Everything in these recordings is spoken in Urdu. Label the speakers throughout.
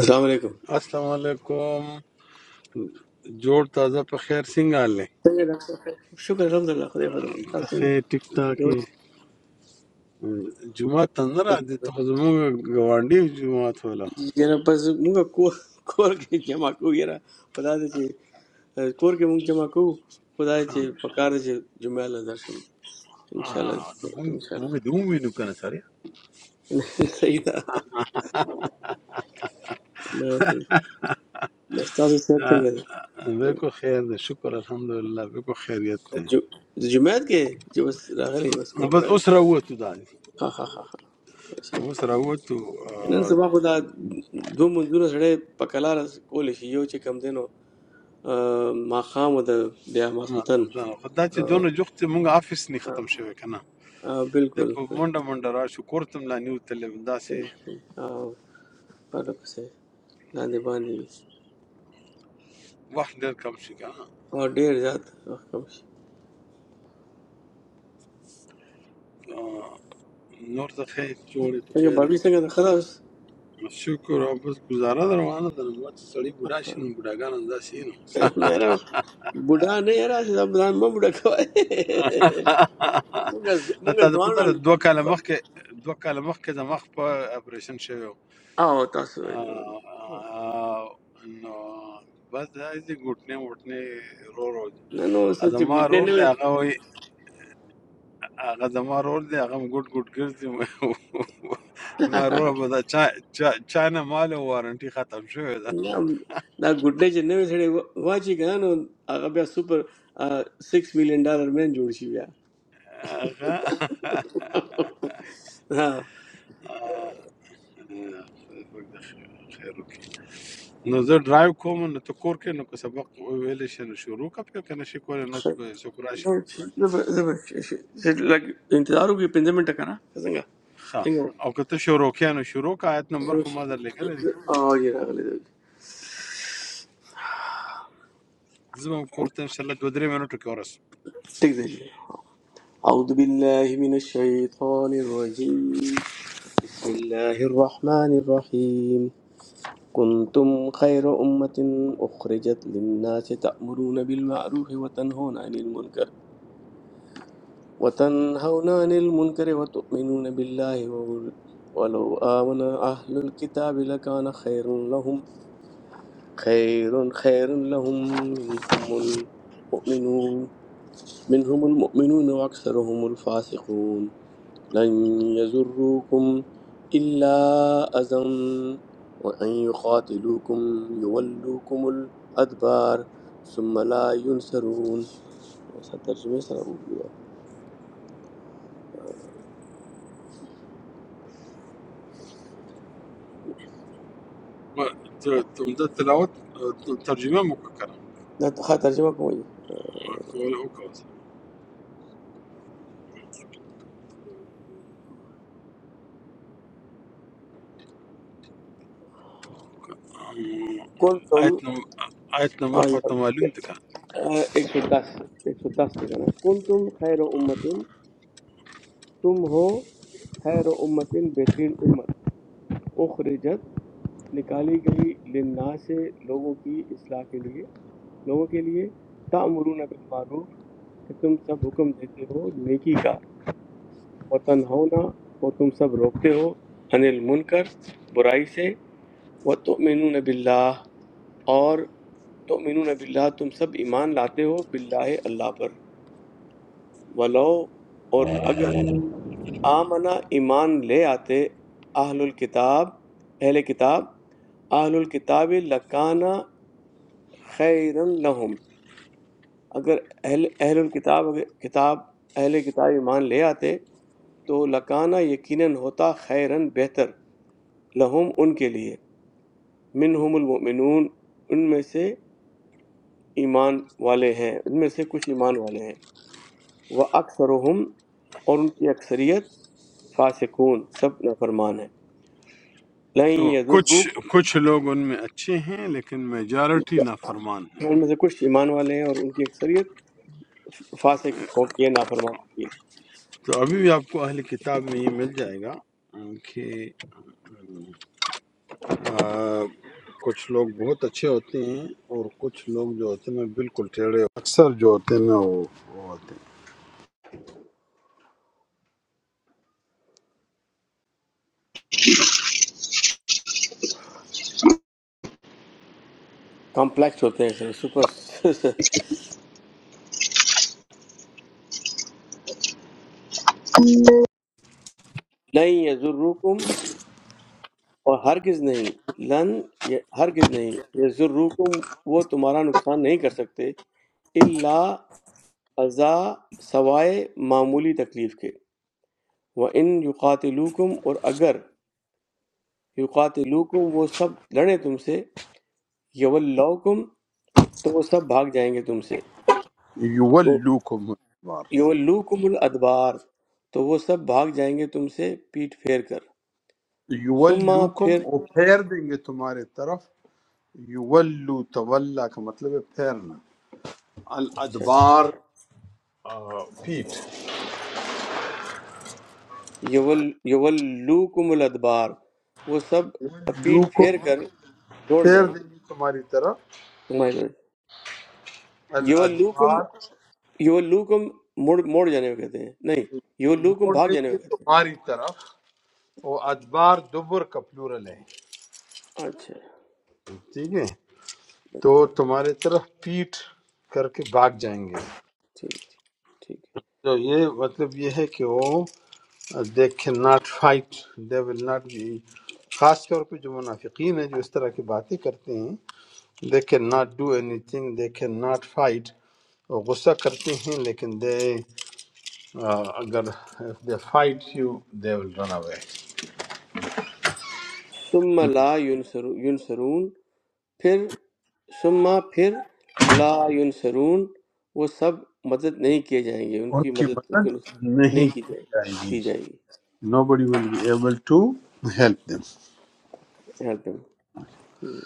Speaker 1: السلام علیکم
Speaker 2: अस्सलाम वालेकुम जोड़ ताज़ा पे खैर सिंह हाल है
Speaker 1: څنګه ډاکټر صاحب شکر الحمدلله خدای فضل دی تاسو
Speaker 2: खैर ठीक ठाक है
Speaker 1: څنګه
Speaker 2: जुमा तंदरा दे तो खजमो गवांडी जुमा थोला
Speaker 1: یې یاره بس موږ کور کور کې جمع کوو یاره خدا دې چې اه، کور کې موږ جمع کوو خدا دې چې په کار دې چې جمعه له درشم ان شاء
Speaker 2: آه،
Speaker 1: الله
Speaker 2: مو
Speaker 1: ان شاء
Speaker 2: مو
Speaker 1: الله
Speaker 2: مدوم وينو كان سريع
Speaker 1: صحیح ده نه بس تاسو صحت څنګه ده
Speaker 2: बेको खैर दे शुक्र अल्हम्दुलिल्लाह बेको खैरियत है
Speaker 1: جو جمعه کې چې بس راغلی بس کور ته
Speaker 2: बस
Speaker 1: راغلی
Speaker 2: उस रहुए तो दादी
Speaker 1: ها ها ها ها. صحیح.
Speaker 2: उस रहुए तो
Speaker 1: نن سبا خدا دوه منځونه سره په کلار کول شي یو چې کم دینو آه، ماښام او د بیا
Speaker 2: ما
Speaker 1: ماسخوتن
Speaker 2: سلطان خدا چې
Speaker 1: آه،
Speaker 2: دونه جوخت مونږ افس نه
Speaker 1: آه،
Speaker 2: ختم شوی کنه
Speaker 1: آه،
Speaker 2: د
Speaker 1: بالکل
Speaker 2: په
Speaker 1: بالکل
Speaker 2: منډه منډه را شو کورتم لا نیو تل داسې
Speaker 1: صحیح، صحیح. او پرله پسې لاندې باندې وي
Speaker 2: وخت ډېر کم شي
Speaker 1: او ډېر زیات وخت کم شي
Speaker 2: کنه نور ته خیر جوړې په
Speaker 1: څنګه
Speaker 2: خیر یې.
Speaker 1: بابي څنګه د خلاص
Speaker 2: شکر او بس گزاره ده روانه ده نو ما چې سړی بوډا شي نو بوډاګان همداسې وي نو
Speaker 1: نه راو بوډا نه یې راځي دا ځان مه بوډا کوي مونږ ز-
Speaker 2: نه
Speaker 1: مونږ
Speaker 2: تا ته
Speaker 1: ځوان
Speaker 2: پته ده دوه کاله مخکې دوه کاله مخکې د مخ په اپریشن شوی و
Speaker 1: او تاسو
Speaker 2: آه، نو بس دا دې ګوټنې وټنې رو رو دي
Speaker 1: نه نو څه چې
Speaker 2: زما
Speaker 1: ګوتنې
Speaker 2: رور
Speaker 1: نه
Speaker 2: دی
Speaker 1: وي
Speaker 2: هغه وایي هغه زما رور دی هغه هم ګوټ ګوټ ګرځي ما رور به دا چا چا چا نه مال وارنټي ختم شوی ده
Speaker 1: نه، دا ګوتنې چې نه وي سړی وا- واچي کنه نو هغه بیا سپر 6 میلیون ډالر مین جوړ شي بیا
Speaker 2: هغه خیر وکړي نو زه ډرایو کوم نو ته کور کې نو که سبق ویلې شي نو شروع کا پکې کنه شي کولای نو ته به څوک راشي
Speaker 1: انتظار ہوگی پنجے منٹ کا نا سنگا
Speaker 2: ښه او که ته شروع کې نو شروع کا آیت نمبر خو ما در لیکل دي
Speaker 1: آگے اگلے
Speaker 2: زه به هم کور ته ان شاء الله دوه درې منټو کې ورس
Speaker 1: ٹھیک ہے أعوذ بالله من الشيطان الرجيم بسم الله الرحمن الرحيم كنتم خير أمة أخرجت للناس تأمرون بالمعروف وتنهون عن المنكر وتنهون عن المنكر وتؤمنون بالله وول- ولو آمن أهل الكتاب لكان خير لهم خير خير لهم منهم المؤمنون منهم المؤمنون وأكثرهم الفاسقون لن يزروكم إلا أذى وأن يقاتلوكم يولوكم الأدبار ثم لا ينصرون بس هترجمة سر أبو بودا
Speaker 2: ته ته د تلاوت اه، ترجمه مو وکړه
Speaker 1: لا هترجمة كوي
Speaker 2: کول او کوم آیت
Speaker 1: كنتم
Speaker 2: نم آیت نمبر خو
Speaker 1: آه،
Speaker 2: ته معلوم دي کا
Speaker 1: آه، 110 110 كنا. كنتم خير أمة تم ہو خیر امتٍ بہترین امت اخرجت نکالی گئی للناس لوگوں کی اصلاح کے لیے لوگوں کے لیے تأمرون بالمعروف کہ تم سب حکم دیتے ہو نیکی کا وتنہونا اور تم سب روکتے ہو عن المنکر برائی سے وتؤمنون باللہ اور تؤمنون باللہ تم سب ایمان لاتے ہو باللہ اللہ پر ولو اور اگر آمنا ایمان لے آتے اہل الکتاب اہل کتاب اہل الکتاب لکانا خیرن لہم اگر اہل اہل الکتاب اگر کتاب اہل کتاب ایمان لے آتے تو لکانا یقیناً ہوتا خیرن بہتر لہم ان کے لیے منہم المؤمنون ان میں سے ایمان والے ہیں ان میں سے کچھ ایمان والے ہیں وہ اکثرہم اور ان کی اکثریت فاسقون سب نافرمان ہیں لَن
Speaker 2: تو کچھ
Speaker 1: يَضُرُّوكُمْ
Speaker 2: کچھ لوگ ان میں اچھے ہیں لیکن میجارٹی نافرمان ہیں
Speaker 1: ان میں سے کچھ ایمان والے ہیں اور ان کی اکثریت فاسق ہوتی ہے نافرمان ہوتی ہے
Speaker 2: تو ابھی بھی آپ کو اہل کتاب میں یہ مل جائے گا ام، کہ آ، کچھ لوگ بہت اچھے ہوتے ہیں اور کچھ لوگ جو ہوتے ہیں نا، بالکل ٹیڑے اکثر جو ہوتے ہیں نا وہ وہ ہوتے
Speaker 1: کمپلیکس ہوتے ہیں سپر نہیں یہ ضروکم اور ہرگز نہیں لن یہ ہرگز نہیں یہ ضروکم وہ تمہارا نقصان نہیں کر سکتے الا ازا سوائے معمولی تکلیف کے وہ ان یقاتلوکم اور اگر یقاتلوکم وہ سب لڑیں تم سے یولاؤکم تو وہ سب بھاگ جائیں گے تم سے
Speaker 2: ہیں یولوکم بار
Speaker 1: یولوکم الادبار تو وہ سب بھاگ جائیں گے تم سے پیٹ پھیر کر ثم
Speaker 2: یولوکم
Speaker 1: پھر
Speaker 2: وہ پھیر دیں گے تمہارے طرف یولو تولا کا مطلب ہے پھیرنا
Speaker 1: اچھا اچھا
Speaker 2: الادبار پیٹ
Speaker 1: یول یولوکم الادبار وہ سب پیٹ پھیر
Speaker 2: یولوکم
Speaker 1: کر دوڑ
Speaker 2: پھیر
Speaker 1: جائیں گے
Speaker 2: دیں گے تمہاری طرف
Speaker 1: تمہاری طرف یولوکم
Speaker 2: الادبار
Speaker 1: یولوکم مڑ موڑ جانے کو کہتے ہیں نہیں یولوکم
Speaker 2: موڑ
Speaker 1: بھاگ
Speaker 2: دیں
Speaker 1: جانے
Speaker 2: گے
Speaker 1: کو کہتے
Speaker 2: تمہاری طرف وہ ادبار دبر کا پلورل ہے
Speaker 1: ہیں اچھا
Speaker 2: ٹھیک ہے تو تمہارے طرف پیٹ کر کے بھاگ جائیں گے
Speaker 1: ٹھیک ٹھیک
Speaker 2: تو یہ مطلب یہ ہے کہ وہ they can not fight they will not be خاص طور پہ جو منافقین ہیں جو اس طرح کی باتیں کرتے ہیں they can not do anything they can not fight وہ غصہ کرتے ہیں لیکن دے اگر دے فائٹ یو دے ول رن اوے
Speaker 1: ثم لا ینصرو- ینصرون پھر ثم پھر لا ینصرون وہ سب مدد نہیں کیے جائیں گے ان
Speaker 2: ان
Speaker 1: کی
Speaker 2: کی
Speaker 1: مدد ان کی نصرت
Speaker 2: مدد
Speaker 1: نہیں
Speaker 2: نہیں
Speaker 1: کی
Speaker 2: کی
Speaker 1: جائے
Speaker 2: جائے گی
Speaker 1: کی جائے گی
Speaker 2: nobody will be able to help them.
Speaker 1: Help ہم۔ ہم۔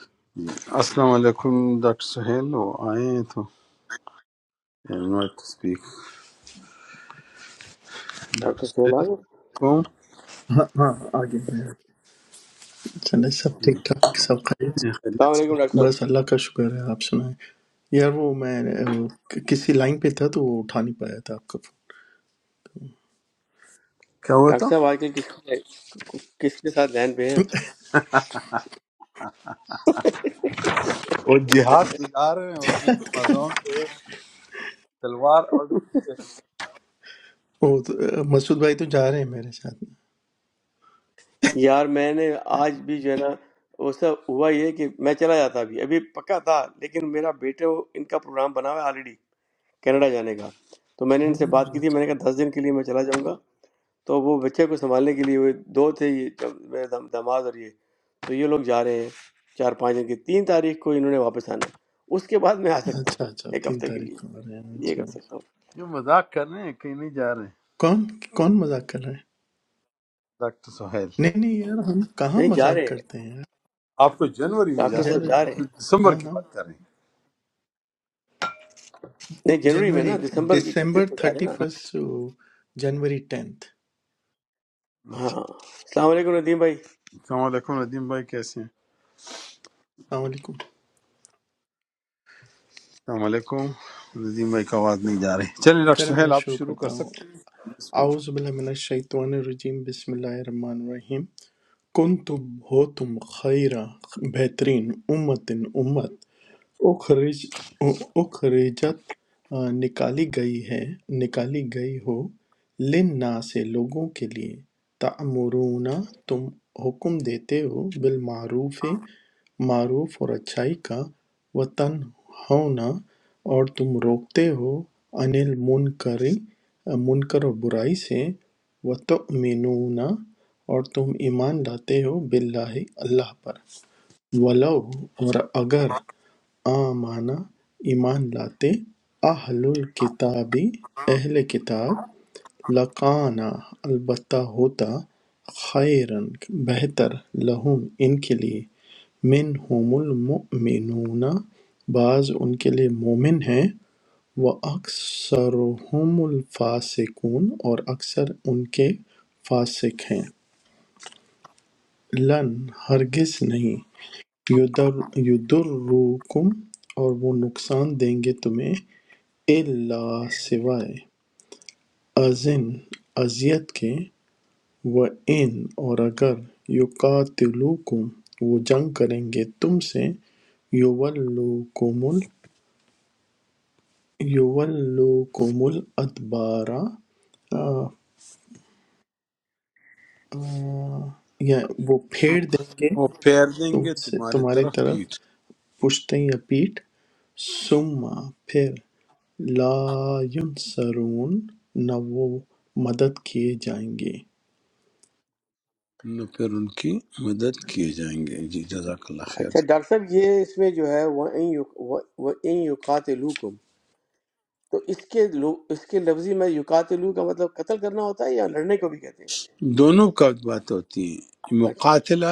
Speaker 2: Assalamu alaikum, Dr. Sahel. وہ آئے ہیں تو invite to speak. Dr.
Speaker 1: Doctor Sohail آ
Speaker 2: Sahel
Speaker 1: گئے
Speaker 2: کو
Speaker 3: ہاں ہاں آگے بڑھیں۔ چلے سب ٹھیک ٹھاک سب خیریت
Speaker 1: السلام
Speaker 2: خیریت سے
Speaker 1: علیکم ڈاکٹر صاحب
Speaker 3: بس اللہ کا شکر ہے آپ سنائیں یار وہ میں وہ کسی لائن پہ تھا تو وہ اٹھا نہیں پایا تھا آپ کا
Speaker 2: کیا ہوا
Speaker 1: ڈاکٹر
Speaker 2: تھا
Speaker 1: صاحب آج کل کس کے کس کے ساتھ لائن پہ ہیں آپ؟
Speaker 2: وہ جہاد پہ جا رہے ہیں
Speaker 3: فون
Speaker 2: اس نے Amazon سے تلوار آرڈر کی ہے
Speaker 3: وہ تو- مسعود بھائی تو جا رہے ہیں میرے ساتھ میں
Speaker 1: یار میں نے آج بھی جو ہے نا وہ سب ہوا یہ کہ میں چلا جاتا ابھی ابھی پکا تھا لیکن میرا بیٹے وہ- ان کا پروگرام بنا ہوا ہے آلریڈی کینیڈا جانے کا تو میں نے ان سے بات کی
Speaker 3: اوہ،
Speaker 1: تھی میں نے کہا دس دن کے لیے میں چلا جاؤں گا تو وہ بچے کو سنبھالنے کے لیے وہ دو تھے یہ جب میرے دم- داماد اور یہ تو یہ لوگ جا رہے ہیں چار پانچ دن کی تین تاریخ کو انہوں نے واپس آنا ہے اس کے بعد میں آ سکتا ہوں
Speaker 3: اچھا اچھا
Speaker 1: ایک
Speaker 3: تین
Speaker 1: ہفتے کے
Speaker 3: تاریخ
Speaker 1: لیے
Speaker 3: کو آ رہے ہیں
Speaker 1: یہ
Speaker 3: اچھا
Speaker 1: کر
Speaker 3: اچھا
Speaker 1: سکتا ہوں
Speaker 2: جو مذاق کر رہے ہیں کہیں نہیں جا رہے ہیں
Speaker 3: کون کون مذاق کر رہے ہیں
Speaker 2: ڈاکٹر سہیل
Speaker 3: نہیں نہیں یار ہم کہاں
Speaker 1: نہیں جا
Speaker 3: مذاق
Speaker 1: رہے ہیں
Speaker 3: کرتے ہیں یار
Speaker 2: آپ تو جنوری میں
Speaker 1: ڈاکٹر
Speaker 2: جا
Speaker 1: صاحب
Speaker 2: رہے
Speaker 3: جنوری
Speaker 1: جا رہے
Speaker 2: ہیں
Speaker 1: ہیں
Speaker 2: دسمبر
Speaker 3: ہاں
Speaker 2: کی
Speaker 3: ہاں
Speaker 2: بات کر رہے ہیں
Speaker 1: نہیں جنوری میں نا
Speaker 3: جنوری
Speaker 1: دسمبر کی
Speaker 3: ڈسمبر
Speaker 1: اکتیس کو جا رہے ہیں
Speaker 3: تھرٹی
Speaker 1: نا
Speaker 3: فرسٹ جنوری ٹینتھ
Speaker 1: ہاں السلام علیکم ندیم بھائی
Speaker 2: السلام علیکم ندیم بھائی کیسے ہیں
Speaker 3: السلام علیکم
Speaker 2: السلام علیکم ندیم بھائی کا آواز نہیں جا رہی چلیں ڈاکٹر
Speaker 3: چلے میں
Speaker 2: سہیل آپ
Speaker 3: شروع
Speaker 2: شروع کر
Speaker 3: کرتا ہوں
Speaker 2: سکتے ہیں بسم اللہ
Speaker 3: اعوذ باللہ من الشیطان الرجیم بسم اللہ الرحمن الرحیم کن تم ہو تم خیرہ بہترین امت امت اخرج اخرجت آ، نکالی گئی ہے نکالی گئی ہو لننا سے لوگوں کے لیے تعمرون تم حکم دیتے ہو بالمعروف معروف اور اچھائی کا وطن ہونا اور تم روکتے ہو انل منکر منکر و برائی سے وتؤمنون اور تم ایمان لاتے ہو باللہ اللہ پر ولو اور اگر آمنہ ایمان لاتے اہل الکتاب اہل کتاب لکانا البتہ ہوتا خیرن بہتر لہم ان کے لیے منہم المؤمنون بعض ان کے لیے مومن ہیں وَأَكْثَرُهُمُ الْفَاسِقُونَ اور اکثر ان کے فاسق ہیں لن ہرگز نہیں یُدْرِکُکُم اور وہ نقصان دیں گے تمہیں اِلَّا سوائے اذًا اذیت کے وَإِن اور اگر یُقَاتِلُوکُم وہ جنگ کریں گے تم سے یُوَلُّوکُمُ ال- یُوَلُّوکُمُ الْأَدْبَارَ آ، آ، یا وہ پھیر دیں گے
Speaker 2: وہ پھیر دیں
Speaker 3: تم
Speaker 2: گے
Speaker 3: سے
Speaker 2: تمہاری
Speaker 3: تمہاری
Speaker 2: طرف
Speaker 3: طرف
Speaker 2: پیٹ
Speaker 3: پشتیں یا پیٹھ ثم پھر لا ینصرون نہ وہ مدد کیے جائیں گے
Speaker 2: نہ پھر ان کی مدد کیے جائیں گے جی جزاک اللہ خیر
Speaker 1: اچھا ڈاکٹر صاحب یہ اس میں جو ہے وَإِن يُقَاتِلُوكُمْ تو اس کے لو- اس کے لفظی میں یقاتلو کا مطلب قتل کرنا ہوتا ہے یا لڑنے کو بھی کہتے ہیں
Speaker 2: دونوں کا بات ہوتی ہے
Speaker 1: اچھا
Speaker 2: مقاتلہ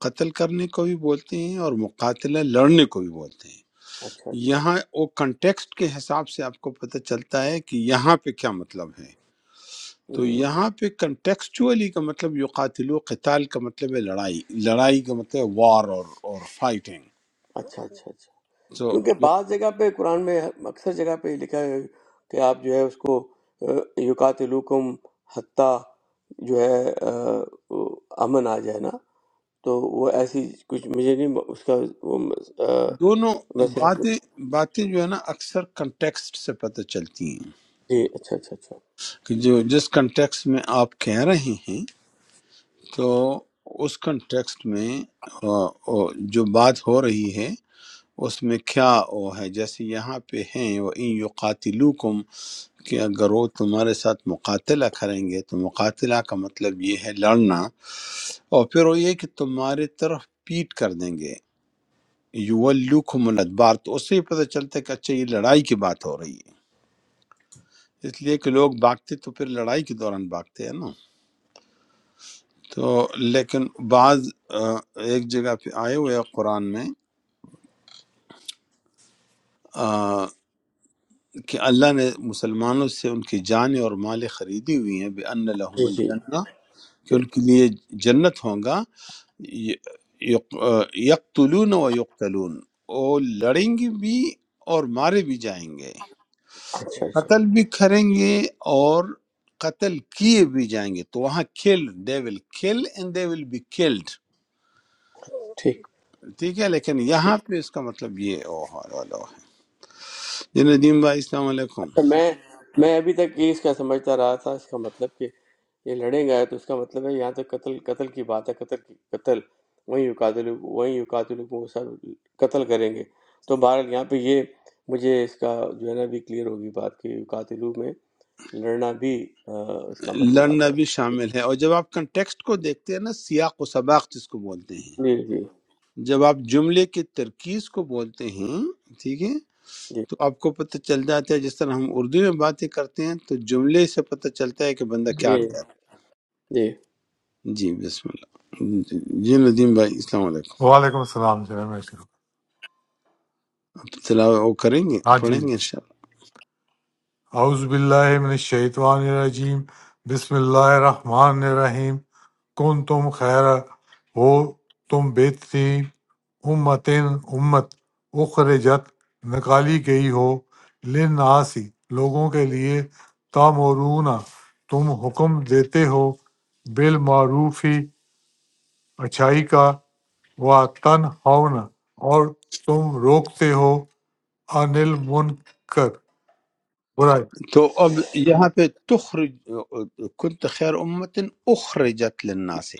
Speaker 2: قتل کرنے کو بھی بولتے ہیں اور مقاتلہ لڑنے کو بھی بولتے ہیں
Speaker 1: اچھا
Speaker 2: یہاں وہ کنٹیکسٹ کے حساب سے آپ کو پتہ چلتا ہے کہ یہاں پہ کیا مطلب ہے تو
Speaker 1: اچھا
Speaker 2: یہاں پہ کنٹیکسچولی کا مطلب یقاتلو قتال کا مطلب ہے لڑائی لڑائی کا مطلب ہے وار اور اور فائٹنگ
Speaker 1: اچھا اچھا اچھا
Speaker 2: سو
Speaker 1: کیونکہ بعض جگہ پہ قرآن میں اکثر جگہ پہ یہ لکھا ہے کہ آپ جو ہے اس کو یقاتلوکم حتیٰ جو ہے آ، امن آ جائے نا تو وہ ایسی کچھ مجھے نہیں اس کا وہ آ،
Speaker 2: دونوں
Speaker 1: میں صرف
Speaker 2: باتیں باتیں جو ہے نا اکثر کنٹیکسٹ سے پتہ چلتی ہیں
Speaker 1: جی اچھا اچھا اچھا
Speaker 2: کہ جو جس کنٹیکسٹ میں آپ کہہ رہے ہیں تو اس کنٹیکسٹ میں آ، آ، جو بات ہو رہی ہے اس میں کیا وہ ہے جیسے یہاں پہ ہیں وہ ان یقاتلوکم کہ اگر وہ تمہارے ساتھ مقاتلہ کریں گے تو مقاتلہ کا مطلب یہ ہے لڑنا اور پھر وہ یہ کہ تمہارے طرف پیٹ کر دیں گے یولوکم الادبار تو اس سے ہی پتہ چلتا ہے کہ اچھا یہ لڑائی کی بات ہو رہی ہے اس لیے کہ لوگ بھاگتے تو پھر لڑائی کے دوران بھاگتے ہیں نا تو لیکن بعض آ، ایک جگہ پہ آئے ہوئے ہیں قرآن میں آ، کہ اللہ نے مسلمانوں سے ان کی جانیں اور مالیں خریدی ہوئی ہیں بے ان لہم
Speaker 1: جی جی
Speaker 2: الجنہ کہ
Speaker 1: جی،
Speaker 2: ان کے لیے جنت ہوگا یقتلون و یقتلون وہ لڑیں گے بھی اور مارے بھی جائیں گے
Speaker 1: اچھا اچھا
Speaker 2: قتل بھی کریں گے اور قتل کیے بھی جائیں گے تو وہاں کل they will kill and they will be killed
Speaker 1: ٹھیک
Speaker 2: ٹھیک ہے لیکن
Speaker 1: ٹھیک
Speaker 2: یہاں پہ اس کا مطلب یہ او ہو ہے جی ندیم بھائی السلام علیکم
Speaker 1: میں میں ابھی تک یہ اس کا سمجھتا رہا تھا اس کا مطلب کہ یہ لڑیں گے تو اس کا مطلب ہے یہاں تو قتل قتل کی بات ہے قتل کی قتل وہیں یقاتل وہیں یقاتل کو سب قتل کریں گے تو بہرحال یہاں پہ یہ مجھے اس کا جو ہے نا بھی کلیئر ہوگی بات کہ یقاتلو میں لڑنا بھی آ، اس کا مطلب
Speaker 2: لڑنا
Speaker 1: آتا
Speaker 2: بھی
Speaker 1: ہے
Speaker 2: شامل ہے اور جب آپ کنٹیکسٹ کو دیکھتے ہیں نا سیاق و سباق جس کو بولتے ہیں
Speaker 1: جی جی
Speaker 2: جب آپ جملے کی ترکیز کو بولتے ہیں ٹھیک ہے
Speaker 1: جی
Speaker 2: تو آپ کو پتہ چل جاتا ہے جس طرح ہم اردو میں باتیں کرتے ہیں تو جملے سے پتہ چلتا ہے کہ بندہ کیا
Speaker 1: جی
Speaker 2: کر رہا
Speaker 1: جی
Speaker 2: ہے جی بسم اللہ جی ندیم بھائی السلام علیکم
Speaker 4: وعلیکم السلام جو ہے میں شروع کر-
Speaker 2: آپ تلاوت وہ کریں گے
Speaker 4: ہاں جی
Speaker 2: پڑھیں گے
Speaker 4: جی
Speaker 2: انشاءاللہ۔
Speaker 4: اعوذ باللہ من الشیطان الرجیم بسم اللہ الرحمن الرحیم کن تم خیر ہو تم بہترین امتن امت اخرجت نکالی گئی ہو لناسی لوگوں کے لیے تامورون تم حکم دیتے ہو بالمعروفی اچھائی کا و تنہون اور تم روکتے ہو انل منکر برائی
Speaker 2: تو اب یہاں پہ تخرج کنت خیر امت اخرجت للناس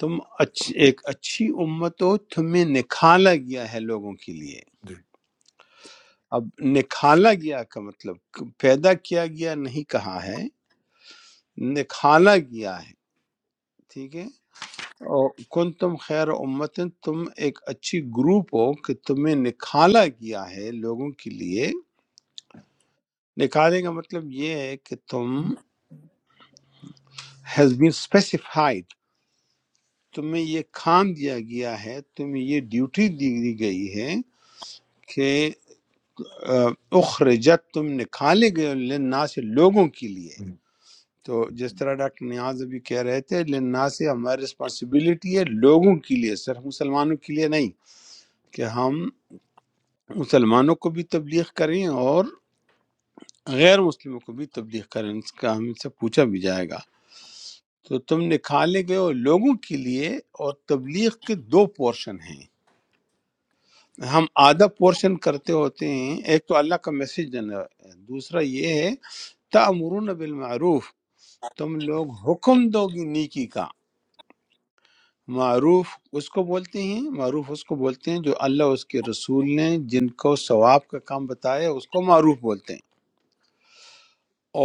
Speaker 2: تم اچ- ایک اچھی امت ہو تمہیں نکالا گیا ہے لوگوں کے لیے
Speaker 4: جی
Speaker 2: اب نکالا گیا کا مطلب پیدا کیا گیا نہیں کہا ہے نکالا گیا ہے ٹھیک ہے اور کن تم خیر امت تم ایک اچھی گروپ ہو کہ تمہیں نکالا گیا ہے لوگوں کے لیے نکالے کا مطلب یہ ہے کہ تم ہیز بین specified تمہیں یہ کام دیا گیا ہے تمہیں یہ ڈیوٹی دی دی گئی ہے کہ آ، اخرجت تم نکالے گئے ہو للناس سے، لوگوں کے لیے
Speaker 4: ہم۔
Speaker 2: تو جس طرح ڈاکٹر نیاز ابھی کہہ رہے تھے للناس سے ہماری رسپانسبلٹی ہے لوگوں کے لیے صرف مسلمانوں کے لیے نہیں کہ ہم مسلمانوں کو بھی تبلیغ کریں اور غیر مسلموں کو بھی تبلیغ کریں اس کا ہم سے پوچھا بھی جائے گا تو تم نکالے گئے ہو لوگوں کے لیے اور تبلیغ کے دو پورشن ہیں ہم آدھا پورشن کرتے ہوتے ہیں ایک تو اللہ کا میسج دینا ہے دوسرا یہ ہے تَأْمُرُونَ بِالْمَعْرُوف تم لوگ حکم دو گی نیکی کا معروف اس کو بولتے ہیں معروف اس کو بولتے ہیں جو اللہ اور اس کے رسول نے جن کو ثواب کا کام بتایا اس کو معروف بولتے ہیں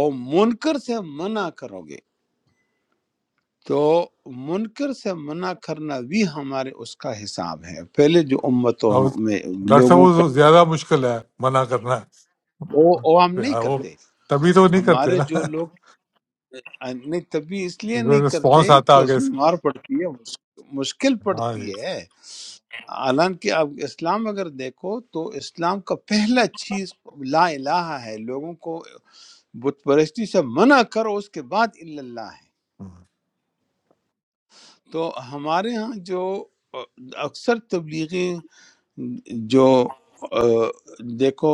Speaker 2: اور منکر سے منع کرو گے تو منکر سے منع کرنا بھی ہمارے اس کا حساب ہے پہلے جو امتوں
Speaker 4: اب
Speaker 2: میں
Speaker 4: ڈاکٹر صاحب
Speaker 2: لوگوں کو
Speaker 4: وہ زیادہ مشکل ہے منع کرنا
Speaker 2: وہ وہ ہم نہیں
Speaker 4: ہے وہ
Speaker 2: کرتے
Speaker 4: تبھی تو نہیں کرتے
Speaker 2: ہمارے
Speaker 4: نا
Speaker 2: جو لوگ آ، نہیں تبھی اس لیے نہیں
Speaker 4: پھر
Speaker 2: کرتے
Speaker 4: رسپانس آتا
Speaker 2: کہ اس
Speaker 4: آگے
Speaker 2: میں
Speaker 4: سے
Speaker 2: مار پڑتی ہے مش- مشکل
Speaker 4: ہاں جی
Speaker 2: پڑتی ہے حالانکہ آپ اسلام اگر دیکھو تو اسلام کا پہلا چیز لا الہ ہے لوگوں کو بت پرستی سے منع کرو اس کے بعد الا اللہ ہے
Speaker 4: ہم۔
Speaker 2: تو ہمارے ہاں جو اکثر تبلیغی جو آ، دیکھو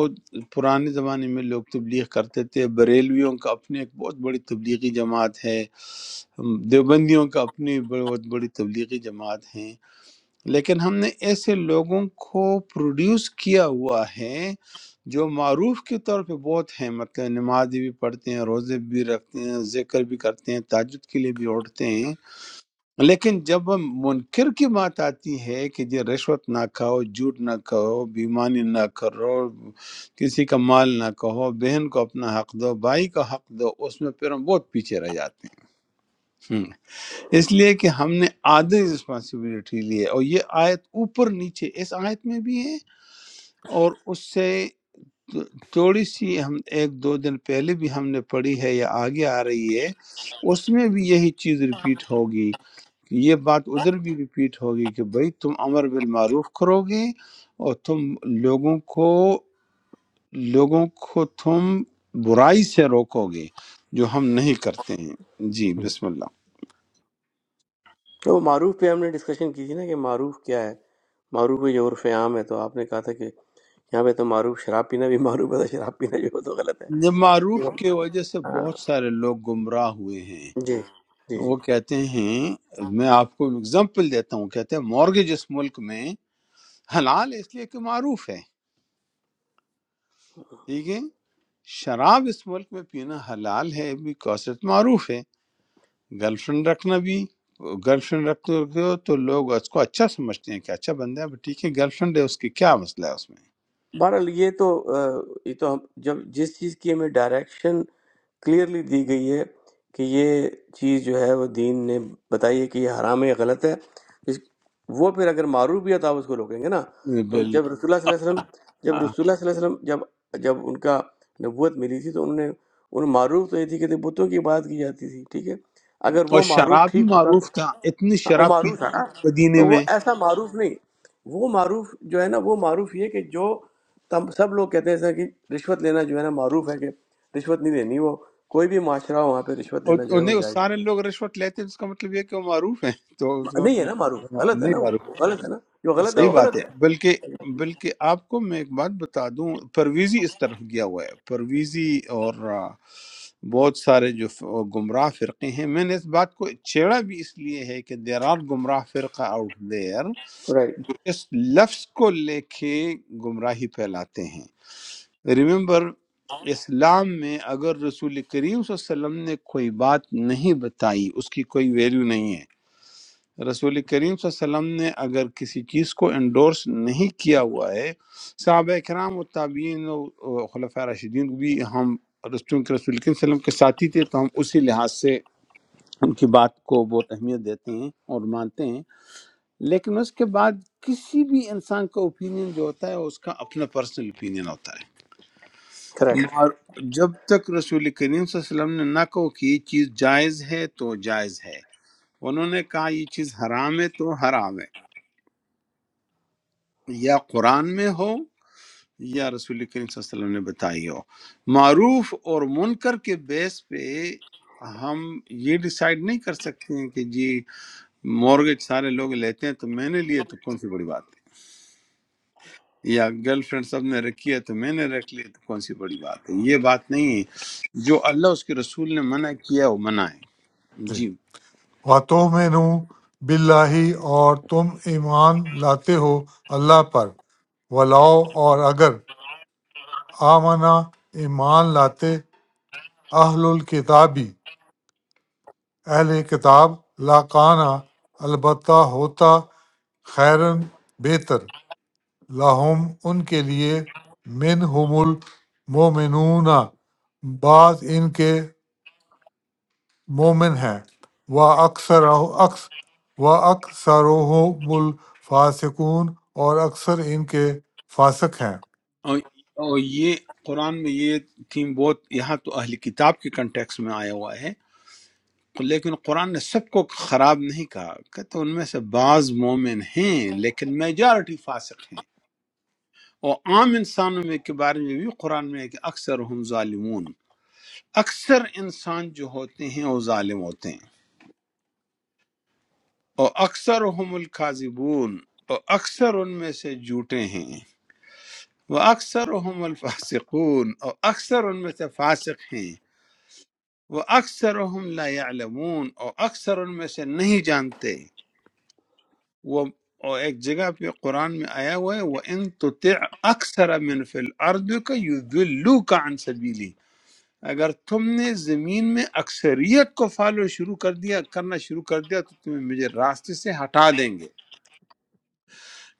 Speaker 2: پرانے زمانے میں لوگ تبلیغ کرتے تھے بریلویوں کا اپنی ایک بہت بڑی تبلیغی جماعت ہے دیوبندیوں کا اپنی بہت بڑی تبلیغی جماعت ہیں لیکن ہم نے ایسے لوگوں کو پروڈیوس کیا ہوا ہے جو معروف کے طور پہ بہت ہیں مطلب نماز بھی پڑھتے ہیں روزے بھی رکھتے ہیں ذکر بھی کرتے ہیں تاجد کے لیے بھی اٹھتے ہیں لیکن جب ہم منکر کی بات آتی ہے کہ جی رشوت نہ کھاؤ جھوٹ نہ کھاؤ بیمانی نہ کرو کسی کا مال نہ کہو بہن کو اپنا حق دو بھائی کا حق دو اس میں پھر ہم بہت پیچھے رہ جاتے ہیں ہم۔ اس لیے کہ ہم نے آدھی رسپانسبلٹی لی ہے اور یہ آیت اوپر نیچے اس آیت میں بھی ہے اور اس سے تو- تھوڑی سی ہم ایک دو دن پہلے بھی ہم نے پڑھی ہے یا آگے آ رہی ہے اس میں بھی یہی چیز ریپیٹ ہوگی کہ یہ بات ادھر بھی ریپیٹ ہوگی کہ بھئی تم امر بالمعروف کرو گے اور تم لوگوں کو لوگوں کو تم برائی سے روکو گے جو ہم نہیں کرتے ہیں جی
Speaker 4: جی
Speaker 2: بسم اللہ
Speaker 1: تو معروف پہ ہم نے ڈسکشن کی تھی نا کہ معروف کیا ہے معروف یہ عرف عام ہے تو آپ نے کہا تھا کہ یہاں پہ تو معروف شراب پینا بھی معروف ہے تو شراب پینا جو ہے تو غلط ہے
Speaker 2: یہ معروف کی
Speaker 1: ہاں،
Speaker 2: وجہ سے بہت سارے لوگ گمراہ ہوئے ہیں
Speaker 1: جی جی جی
Speaker 2: وہ کہتے ہیں میں آپ کو اگزامپل دیتا ہوں کہتے ہیں مورگج اس ملک میں حلال ہے اس لیے کہ معروف ہے ٹھیک ہے شراب اس ملک میں پینا حلال ہے بیکاز معروف ہے گرل فرینڈ رکھنا بھی گرل فرینڈ رکھتے ہو تو لوگ اس کو اچھا سمجھتے ہیں کہ اچھا بندہ ہے بٹ ٹھیک ہے گرل فرینڈ ہے اس کے کیا مسئلہ ہے اس
Speaker 1: بہرحال یہ تو آ، یہ تو ہم جب جس چیز کی ہمیں ڈائریکشن کلیئرلی دی گئی ہے کہ یہ چیز جو ہے وہ دین نے بتائی ہے کہ یہ حرام ہے یہ غلط ہے اس وہ پھر اگر معروف بھی ہے تو آپ اس کو روکیں گے نا
Speaker 2: میں
Speaker 1: تو
Speaker 2: بال
Speaker 1: جب رسول اللہ صلی اللہ علیہ وسلم جب
Speaker 2: ہاں
Speaker 1: رسول اللہ صلی اللہ علیہ وسلم جب جب ان کا نبوت ملی تھی تو انہوں نے ان معروف تو یہ تھی کہ بتوں کی بات کی جاتی تھی ٹھیک ہے اگر
Speaker 2: اور
Speaker 1: وہ معروف
Speaker 2: شراب بھی
Speaker 1: ٹھیک ہوتا
Speaker 2: معروف تھا اتنی
Speaker 1: ہاں، وہ
Speaker 2: شراب پی
Speaker 1: معروف ہے
Speaker 2: جاتی
Speaker 1: نا
Speaker 2: تھی مدینے
Speaker 1: تو وہ
Speaker 2: میں
Speaker 1: ایسا معروف نہیں وہ معروف جو ہے نا وہ معروف یہ کہ جو تم سب لوگ کہتے ہیں ایسا کہ رشوت لینا جو ہے نا معروف ہے کہ رشوت نہیں دینی وہ کوئی بھی معاشرہ ہو، وہاں پہ رشوت
Speaker 2: اور
Speaker 1: دینا جو
Speaker 2: اور
Speaker 1: ہے وہ
Speaker 2: نہیں وہ
Speaker 1: جائز
Speaker 2: سارے لوگ رشوت لیتے ہیں اس کا مطلب یہ ہے کہ وہ معروف ہیں تو اس کا
Speaker 1: نہیں ہے نا معروف
Speaker 2: مطلب
Speaker 1: غلط ہے
Speaker 2: نہیں
Speaker 1: نا وہ
Speaker 2: معروف
Speaker 1: وہ غلط ہے نا جو غلط ہے
Speaker 2: صحیح
Speaker 1: وہ
Speaker 2: بات
Speaker 1: غلط
Speaker 2: ہے
Speaker 1: ہے
Speaker 2: بلکہ بلکہ آپ کو میں ایک بات بتا دوں پرویزی اس طرف گیا ہوا ہے پرویزی اور آ، بہت سارے جو ف- گمراہ فرقے ہیں میں نے اس بات کو چھیڑا بھی اس لیے ہے کہ دیر آر گمراہ فرقہ آؤٹ دیر
Speaker 1: رائٹ
Speaker 2: جو اس لفظ کو لے کے گمراہی پھیلاتے ہیں ریممبر اسلام میں اگر رسول کریم صلی اللہ علیہ وسلم نے کوئی بات نہیں بتائی اس کی کوئی ویلیو نہیں ہے رسول کریم صلی اللہ علیہ وسلم نے اگر کسی چیز کو انڈورس نہیں کیا ہوا ہے صحابہ کرام و تابعین و خلفۂ راشدین بھی ہم رس- چونکہ رسول کریم صلی اللہ علیہ وسلم کے ساتھی تھے تو ہم اسی لحاظ سے ان کی بات کو بہت اہمیت دیتے ہیں اور مانتے ہیں لیکن اس کے بعد کسی بھی انسان کا اوپینین جو ہوتا ہے اس کا اپنا پرسنل اوپینین ہوتا ہے
Speaker 1: کریکٹ
Speaker 2: اور جب تک رسول کریم صلی اللہ علیہ وسلم نے نہ کہو کہ یہ چیز جائز ہے تو جائز ہے انہوں نے کہا یہ چیز حرام ہے تو حرام ہے یا قرآن میں ہو یا رسول کریم صلی اللہ علیہ وسلم نے بتائی ہو معروف اور منکر کے بیس پہ ہم یہ ڈیسائیڈ نہیں کر سکتے ہیں کہ جی مورگیج سارے لوگ لیتے ہیں تو میں نے لیے تو کون سی بڑی بات ہے یا گرل فرینڈ سب نے رکھی ہے تو میں نے رکھ لی تو کون سی بڑی بات ہے یہ بات نہیں ہے جو اللہ اس کے رسول نے منع کیا ہے، وہ منع ہے
Speaker 4: جی
Speaker 2: جی
Speaker 4: وَتُؤْمِنُ بِاللَّهِ اور تم ایمان لاتے ہو اللہ پر ولاؤ اور اگر آمنا ایمان لاتے اہل الکتابی اہل کتاب لاکانہ البتہ ہوتا خیرن بہتر لاہم ان کے لیے من ہم المومنون بعض ان کے مومن ہیں و اکثر اکس و اکثر الفاسقون اور اکثر ان کے فاسق ہیں
Speaker 2: اور, اور یہ قرآن میں یہ تھیم بہت یہاں تو اہل کتاب کے کنٹیکس میں آیا ہوا ہے لیکن قرآن نے سب کو خراب نہیں کہا کہتے ان میں سے بعض مومن ہیں لیکن میجارٹی فاسق ہیں اور عام انسانوں میں کے بارے میں بھی قرآن میں ہے کہ اکثر ہم ظالمون اکثر انسان جو ہوتے ہیں وہ ظالم ہوتے ہیں اور اکثر ہم القاذبون اور اکثر ان میں سے جھوٹے ہیں وہ اکثر ہم الفاسقون اور اکثر ان میں سے فاسق ہیں وہ اکثر ہم لا یعلمون اور اکثر ان میں سے نہیں جانتے وہ اور ایک جگہ پہ قرآن میں آیا ہوا ہے وہ ان تطع اکثر من فی الارض کا یضلوک عن سبیلی اگر تم نے زمین میں اکثریت کو فالو شروع کر دیا کرنا شروع کر دیا تو تمہیں مجھے راستے سے ہٹا دیں گے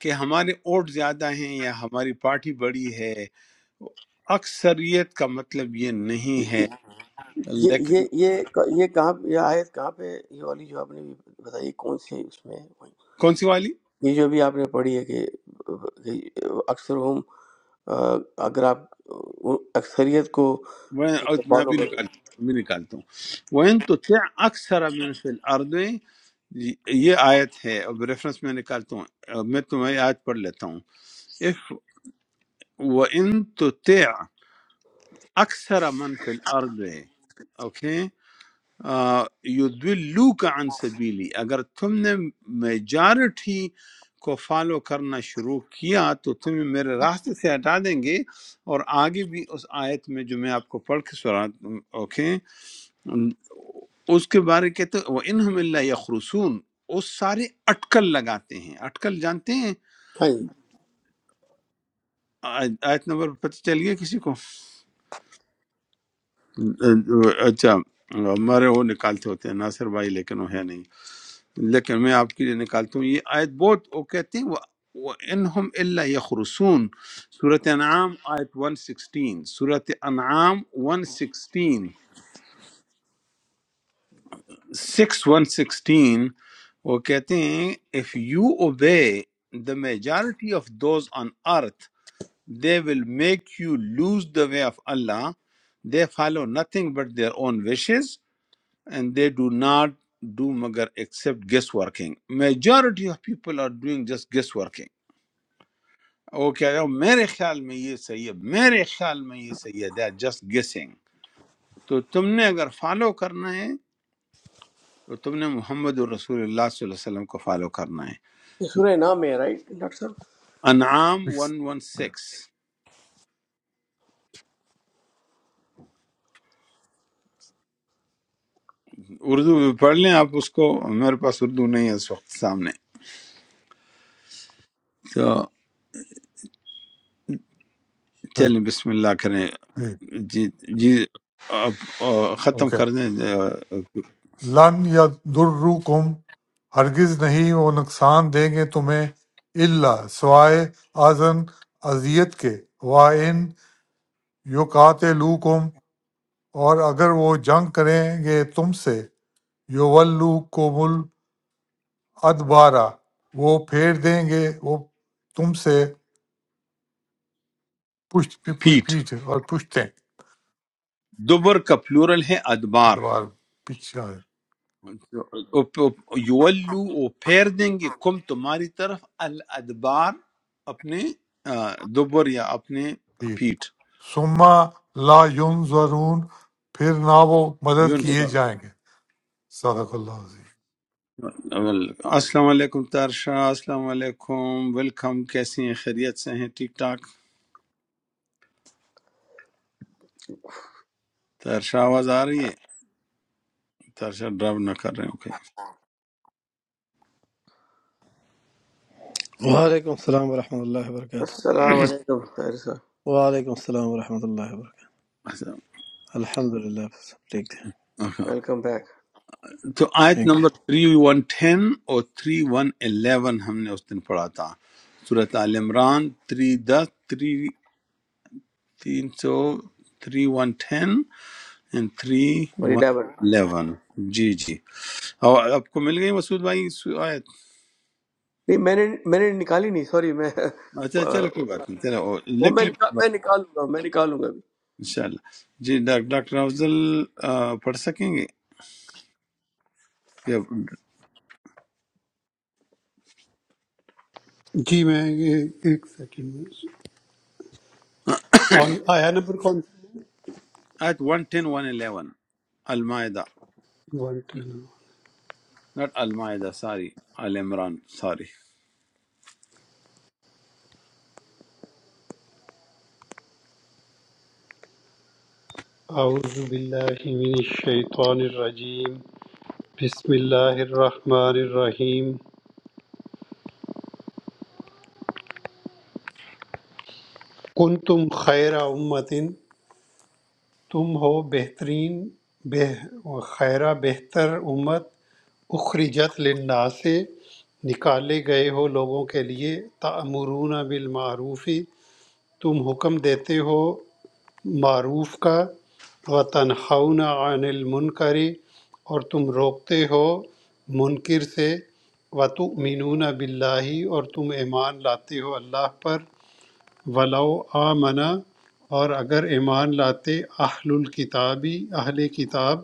Speaker 2: کہ ہمارے ووٹ زیادہ ہیں یا ہماری پارٹی بڑی ہے اکثریت کا مطلب یہ نہیں ہے
Speaker 1: یہ
Speaker 2: لیکن
Speaker 1: یہ یہ یہ کہاں یہ آیت کہاں پہ یہ والی جو آپ نے بھی بتائی کون سی اس میں
Speaker 2: کون سی والی
Speaker 1: یہ جو ابھی آپ نے پڑھی ہے کہ اکثر ہم اگر آپ اکثریت کو
Speaker 2: وہ میں
Speaker 1: فالو
Speaker 2: بھی
Speaker 1: کریں
Speaker 2: نکالتا ہوں میں بھی نکالتا ہوں وَإِن تُطِعْ أَكْثَرَ مِنْ فِي الْأَرْضِ یہ آیت ہے اب ریفرنس میں نکالتا ہوں اب میں تمہاری آیت پڑھ لیتا ہوں اف وَإِن تُطِعْ أَكْثَرَ مَنْ فِي الْأَرْضِ اوکے يُدْوِلُّوكَ عَن سَبِيلِ اگر تم نے میجارٹی کو فالو کرنا شروع کیا تو تمہیں میرے راستے سے ہٹا دیں گے اور آگے بھی اس آیت میں جو میں آپ کو پڑھ کے سنا اوکے ام، اس کے بارے کہتے وہ ان ہم اللہ یخرسون وہ سارے اٹکل لگاتے ہیں اٹکل جانتے ہیں
Speaker 1: ہاں جی
Speaker 2: آیت آیت نمبر پتہ چل گیا کسی کو اچھا ہمارے وہ نکالتے ہوتے ہیں ناصر بھائی لیکن وہ ہے نہیں لیکن میں آپ کے لیے نکالتا ہوں یہ آیت بہت وہ کہتے ہیں وہ انہم اللہ یخرسون صورت انعام آیت 116 صورت انعام 116 سکس ون سکسٹین وہ کہتے ہیں if you obey the majority of those on earth they will make you lose the way of Allah they follow nothing but their own wishes and they do not do مگر except guess working majority of people are doing just guess working وہ کہہ رہے ہو میرے خیال میں یہ صحیح ہے میرے خیال میں یہ صحیح ہے دے آر جسٹ گیسنگ تو تم نے اگر فالو کرنا ہے تو تم نے محمد الرسول اللہ صلی اللہ علیہ وسلم کو فالو کرنا ہے
Speaker 1: یہ سورہ نام ہے رائٹ ڈاکٹر صاحب
Speaker 2: انعام ون ون سکس اردو میں پڑھ لیں آپ اس کو میرے پاس اردو نہیں ہے اس وقت سامنے تو چلیں بسم اللہ کریں جی جی آپ آ، ختم
Speaker 4: اوکے
Speaker 2: کر دیں آ،
Speaker 4: لن یا کم ہرگز نہیں وہ نقصان دیں گے تمہیں اللہ سوائے آزن اذیت کے وا ان یقاتلوکم اور اگر وہ جنگ کریں گے تم سے یولوکم الادبارا وہ پھیر دیں گے وہ تم سے پشت پی- پی-
Speaker 2: پیٹھ
Speaker 4: پیٹھ اور پشتیں
Speaker 2: دبر کا پلورل ہے ادبار
Speaker 4: ادبار پیچھے
Speaker 2: او- او- یولو وہ پھیر دیں گے کم تمہاری طرف الادبار اپنے آ، دبر یا اپنے
Speaker 4: پیٹھ
Speaker 2: پیٹھ
Speaker 4: ثم لا ینظرون پھر نہ وہ مدد
Speaker 1: جی۔
Speaker 4: کیے جائیں گے صدق اللہ عظیم
Speaker 2: السلام علیکم تارشاہ السلام علیکم ویلکم کیسی ہیں خیریت سے ہیں ٹھیک ٹھاک تارشاہ آواز آ رہی ہے تارشاہ ڈرائیو نہ کر رہے ہیں okay
Speaker 5: Wa alaikum salam wa rahmatullahi wa barakatuh.
Speaker 1: السلام علیکم طاہر صاحب
Speaker 5: Wa alaikum salam wa rahmatullahi wa barakatuh.
Speaker 2: اچھا،
Speaker 5: Alhamdulillah.
Speaker 2: اوکے۔
Speaker 1: ویلکم بیک
Speaker 2: تو آیت
Speaker 5: Thank you.
Speaker 2: نمبر 3110 اور 3111 ہم نے اس دن پڑھا تھا صورت آل عمران 310 300 3110 and
Speaker 1: اور 11 نہیں
Speaker 2: 3111 جی جی اور آپ کو مل گئی مسعود بھائی سو- آیت
Speaker 1: میں نے میں نے نکالی نہیں سوری میں
Speaker 2: اچھا چلو کوئی بات نہیں چلو
Speaker 1: وہ
Speaker 2: لکھ
Speaker 1: میں
Speaker 2: لیں
Speaker 1: نکال میں نکال لوں گا میں نکال لوں گا ابھی
Speaker 2: انشاءاللہ جی ڈاک- ڈاکٹر افضل آ، پڑھ سکیں گے کہ
Speaker 6: جی میں یہ- ایک سیکنڈ میں آن آیا نمبر کون
Speaker 2: آیت 110 111 المائدہ
Speaker 6: سا؟
Speaker 2: ناٹ المائدہ ساری آل عمران ساری
Speaker 6: اعوذ باللہ من الشیطان الرجیم بسم اللہ الرحمن الرحیم کنتم خیر امت تم ہو بہترین بہ خیرہ بہتر امت اخرجت للناس نکالے گئے ہو لوگوں کے لیے تعمرون بالمعروفی تم حکم دیتے ہو معروف کا و تنہون عن المنکر اور تم روکتے ہو منکر سے و تؤمنون باللہ اور تم ایمان لاتے ہو اللہ پر ولو آمنا اور اگر ایمان لاتے اہل الکتابی اہل کتاب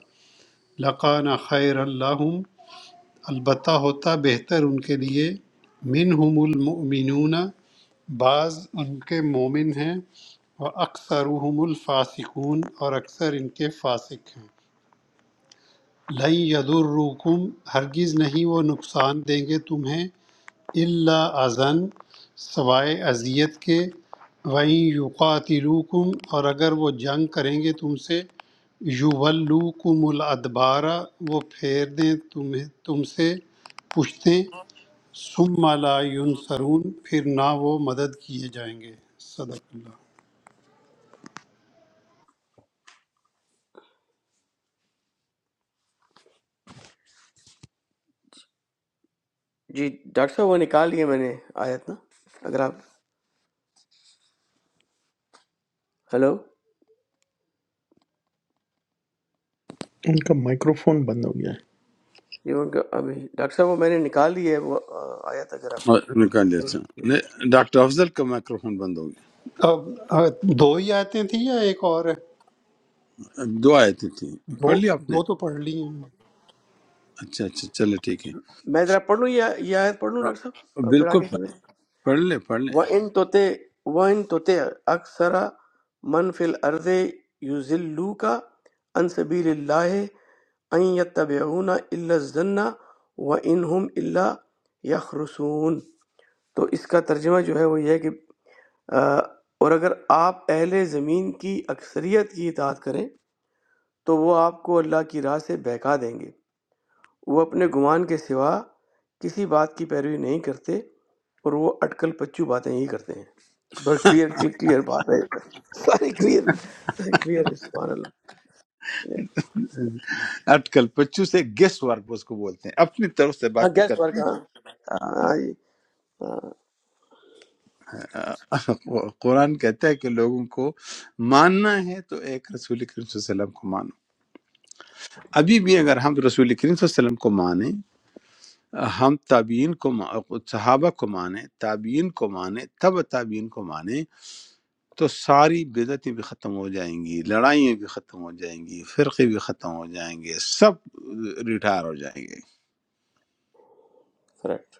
Speaker 6: لقان خیر اللہم البتہ ہوتا بہتر ان کے لیے منہم المؤمنون بعض ان کے مومن ہیں اور اکثرهم الفاسقون اور اکثر ان کے فاسق ہیں لن یضرکم ہرگز نہیں وہ نقصان دیں گے تمہیں الا اذن سوائے اذیت کے وَإِن یقاتلوکم اور اگر وہ جنگ کریں گے تم سے یولوکم الادبارہ وہ پھیر دیں تمہیں تم سے پشتیں ثم لا ینصرون پھر نہ وہ مدد کیے جائیں گے صدق اللہ
Speaker 1: جی ڈاکٹر صاحب وہ نکال لیے میں نے آیت نا اگر آپ ہیلو
Speaker 3: ان کا مائیکرو فون بند ہو گیا ہے
Speaker 1: جی ان کا ابھی ڈاکٹر صاحب وہ میں نے نکال دی ہے وہ آیت اگر
Speaker 2: اور نکال دیا اچھا
Speaker 1: آپ
Speaker 2: نہیں، ڈاکٹر افضل کا مائکروفون بند ہو گیا
Speaker 6: اب آ، دو ہی آیتیں تھیں یا ایک اور ہے
Speaker 2: دو آیتیں تھیں
Speaker 6: دو
Speaker 2: پڑھ لیا آپ نے
Speaker 6: دو تو پڑھ لی ہیں
Speaker 2: اچھا اچھا چلے ٹھیک ہے
Speaker 1: میں ذرا پڑھ لوں یا یہ آیت پڑھ لوں
Speaker 2: ہاں،
Speaker 1: ڈاکٹر صاحب اور پھر
Speaker 2: بالکل
Speaker 1: آگے چلیں
Speaker 2: پڑھیں۔ پڑھ لیں پڑھ لیں
Speaker 1: وَإِن تُتِعْ وَإِن تُتِعْ أَكْثَرَ مَنْ فِي الْأَرْضِ يُضِلُّوكَ عَنْ سَبِيلِ اللَّهِ أَن يَتَّبِعُونَ إِلَّا الظَّنَّ وَإِنْ هُمْ إِلَّا يَخْرُصُونَ تو اس کا ترجمہ جو ہے وہ یہ ہے کہ آ، اور اگر آپ اہل زمین کی اکثریت کی اطاعت کریں تو وہ آپ کو اللہ کی راہ سے بہکا دیں گے وہ اپنے گمان کے سوا کسی بات کی پیروی نہیں کرتے اور وہ اٹکل پچو باتیں ہی کرتے ہیں بڑا کلیئر کلیئر بات ہے ساری کلیئر کلیئر ہے سبحان اللہ
Speaker 2: آج کل بچوں سے گیس ورک اس کو بولتے ہیں اپنی طرف سے
Speaker 1: ہاں
Speaker 2: باتیں
Speaker 1: گیس
Speaker 2: کرتے
Speaker 1: ورک
Speaker 2: ہیں
Speaker 1: ہاں ہاں جی ہاں
Speaker 2: قرآن کہتا ہے کہ لوگوں کو ماننا ہے تو ایک رسول کریم صلی اللہ علیہ وسلم کو مانو ابھی بھی اگر ہم رسول کریم صلی اللہ علیہ وسلم کو مانیں ہم تابعین کو ما- صحابہ کو مانیں تابعین کو مانیں تب تابعین کو مانیں تو ساری بدعتیں بھی ختم ہو جائیں گی لڑائییں بھی ختم ہو جائیں گی فرقے بھی ختم ہو جائیں گے سب ریٹائر ہو جائیں گے
Speaker 1: کریکٹ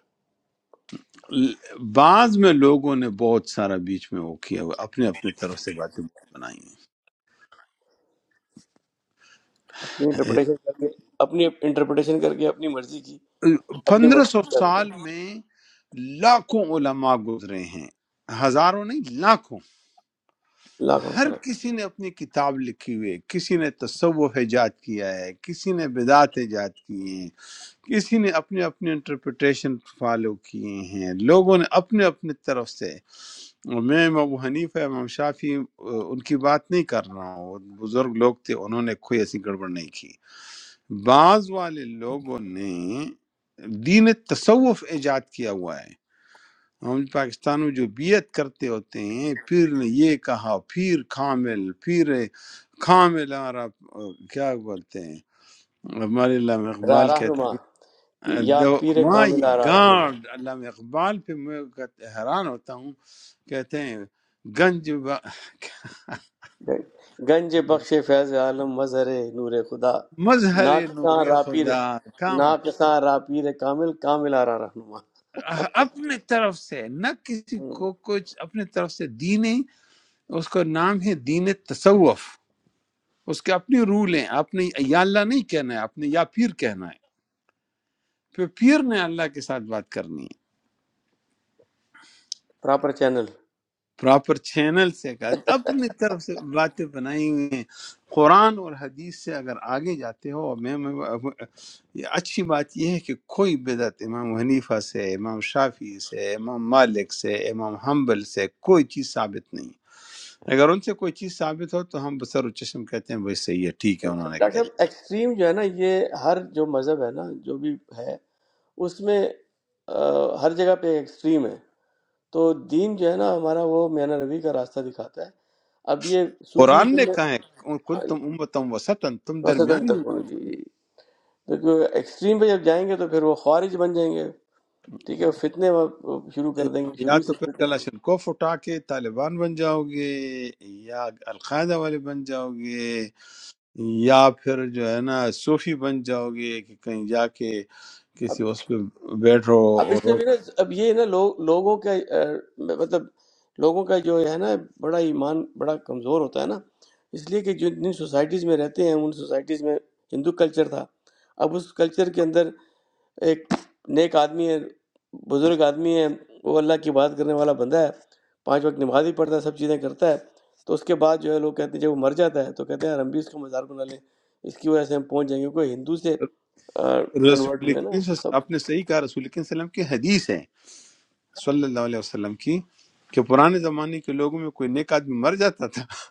Speaker 2: ل- بعض میں لوگوں نے بہت سارا بیچ میں وہ کیا ہوا اپنے اپنے طرف سے باتیں بہت بنائی
Speaker 1: اپنی
Speaker 2: ہیں
Speaker 1: انٹرپریٹیشن کر کے اپنی انٹرپریٹیشن کر کے اپنی مرضی کی اپنی
Speaker 2: پندرہ
Speaker 1: مرضی
Speaker 2: سو
Speaker 1: کی کرتے
Speaker 2: سال
Speaker 1: ہیں
Speaker 2: میں لاکھوں علماء گزرے ہیں ہزاروں نہیں لاکھوں
Speaker 1: لاکھوں
Speaker 2: ہر
Speaker 1: کریکٹ
Speaker 2: کسی نے اپنی کتاب لکھی ہوئی ہے کسی نے تصوف ایجاد کیا ہے کسی نے بدعت ایجاد کی ہیں کسی نے اپنے اپنے انٹرپریٹیشن فالو کیے ہیں لوگوں نے اپنے اپنے طرف سے میں امام ابو حنیفہ امام شافی ان کی بات نہیں کر رہا ہوں وہ بزرگ لوگ تھے انہوں نے کوئی ایسی گڑبڑ نہیں کی بعض والے لوگوں نے دین تصوف ایجاد کیا ہوا ہے ہم پاکستان میں جو بیعت کرتے ہوتے ہیں پیر نے یہ کہا پیر کامل پیر کامل ہمارا کیا بولتے ہیں ہمارے علامہ
Speaker 1: راہ
Speaker 2: اقبال کہتے
Speaker 1: رہنما
Speaker 2: ہیں
Speaker 1: پی- یا پیر
Speaker 2: مائی
Speaker 1: کامل آ راہ رہنما
Speaker 2: گاڈ علامہ اقبال پہ میں کہتے- حیران ہوتا ہوں کہتے ہیں گنج با
Speaker 1: گنج بخش فیض عالم مظہر نور خدا
Speaker 2: مظہر
Speaker 1: ناکساں
Speaker 2: نور
Speaker 1: را پیر
Speaker 2: خدا کامل
Speaker 1: ناکساں را پیر کامل کامل آرا رہنما
Speaker 2: اپنے طرف سے نہ کسی کو کچھ اپنے طرف سے دینے اس کا نام ہے دین تصوف اس کے اپنی رول ہیں آپ نے یا اللہ نہیں کہنا ہے آپ نے یا پیر کہنا ہے پھر پیر نے اللہ کے ساتھ بات کرنی ہے
Speaker 1: پراپر چینل
Speaker 2: پراپر چینل سے کہا- اپنی طرف سے باتیں بنائی ہوئی ہیں قرآن اور حدیث سے اگر آگے جاتے ہو میں میں یہ اچھی بات یہ ہے کہ کوئی بدعت امام حنیفہ سے امام شافی سے امام مالک سے امام حنبل سے کوئی چیز ثابت نہیں اگر ان سے کوئی چیز ثابت ہو تو ہم بسر و چشم کہتے ہیں بھائی صحیح ہے ٹھیک ہے انہوں نے کہہ
Speaker 1: ڈاکٹر
Speaker 2: دیا
Speaker 1: صاحب ایکسٹریم جو ہے نا یہ ہر جو مذہب ہے نا جو بھی ہے اس میں آ، ہر جگہ پہ ایکسٹریم ہے تو دین جو ہے نا ہمارا وہ میانہ روی کا راستہ دکھاتا ہے اب یہ صوفی
Speaker 2: قرآن نے
Speaker 1: میں
Speaker 2: کہا ہے کن تم امتم وسطن تم
Speaker 1: مثلاً
Speaker 2: درمیانی
Speaker 1: تک ہونا
Speaker 2: امت
Speaker 1: جی کیونکہ ایکسٹریم پہ جب جائیں گے تو پھر وہ خوارج بن جائیں گے ٹھیک ہے فتنے وہاں شروع کر دیں گے
Speaker 2: یا
Speaker 1: شروع
Speaker 2: تو
Speaker 1: سے
Speaker 2: پھر
Speaker 1: فتنے شروع
Speaker 2: کلاشنکوف اٹھا کے طالبان بن جاؤ گے یا القاعدہ والے بن جاؤ گے یا پھر جو ہے نا صوفی بن جاؤ گے کہ کہیں جا کے
Speaker 1: اب
Speaker 2: کسی اس پہ بیٹھو
Speaker 1: اب
Speaker 2: اور
Speaker 1: اس میں بھی نا اب یہ نا لوگ لوگوں کا اہ، مطلب لوگوں کا جو ہے نا بڑا ایمان بڑا کمزور ہوتا ہے نا اس لیے کہ جو جن سوسائٹیز میں رہتے ہیں ان سوسائٹیز میں ہندو کلچر تھا اب اس کلچر کے اندر ایک نیک آدمی ہے بزرگ آدمی ہے وہ اللہ کی بات کرنے والا بندہ ہے پانچ وقت نماز بھی پڑھتا ہے سب چیزیں کرتا ہے تو اس کے بعد جو ہے لوگ کہتے ہیں جب وہ مر جاتا ہے تو کہتے ہیں یار ہم بھی اس کا مذاق بنا لیں اس کی وجہ سے ہم پہنچ جائیں گے کوئی ہندو سے کنورٹ
Speaker 2: رسول
Speaker 1: ہوئے نا
Speaker 2: کریم صلی-
Speaker 1: سب
Speaker 2: آپ نے صحیح کہا رسول کریم صلی اللہ علیہ وسلم کی حدیث ہے صلی اللہ علیہ وسلم کی کہ پرانے زمانے کے لوگوں میں کوئی نیک آدمی مر جاتا تھا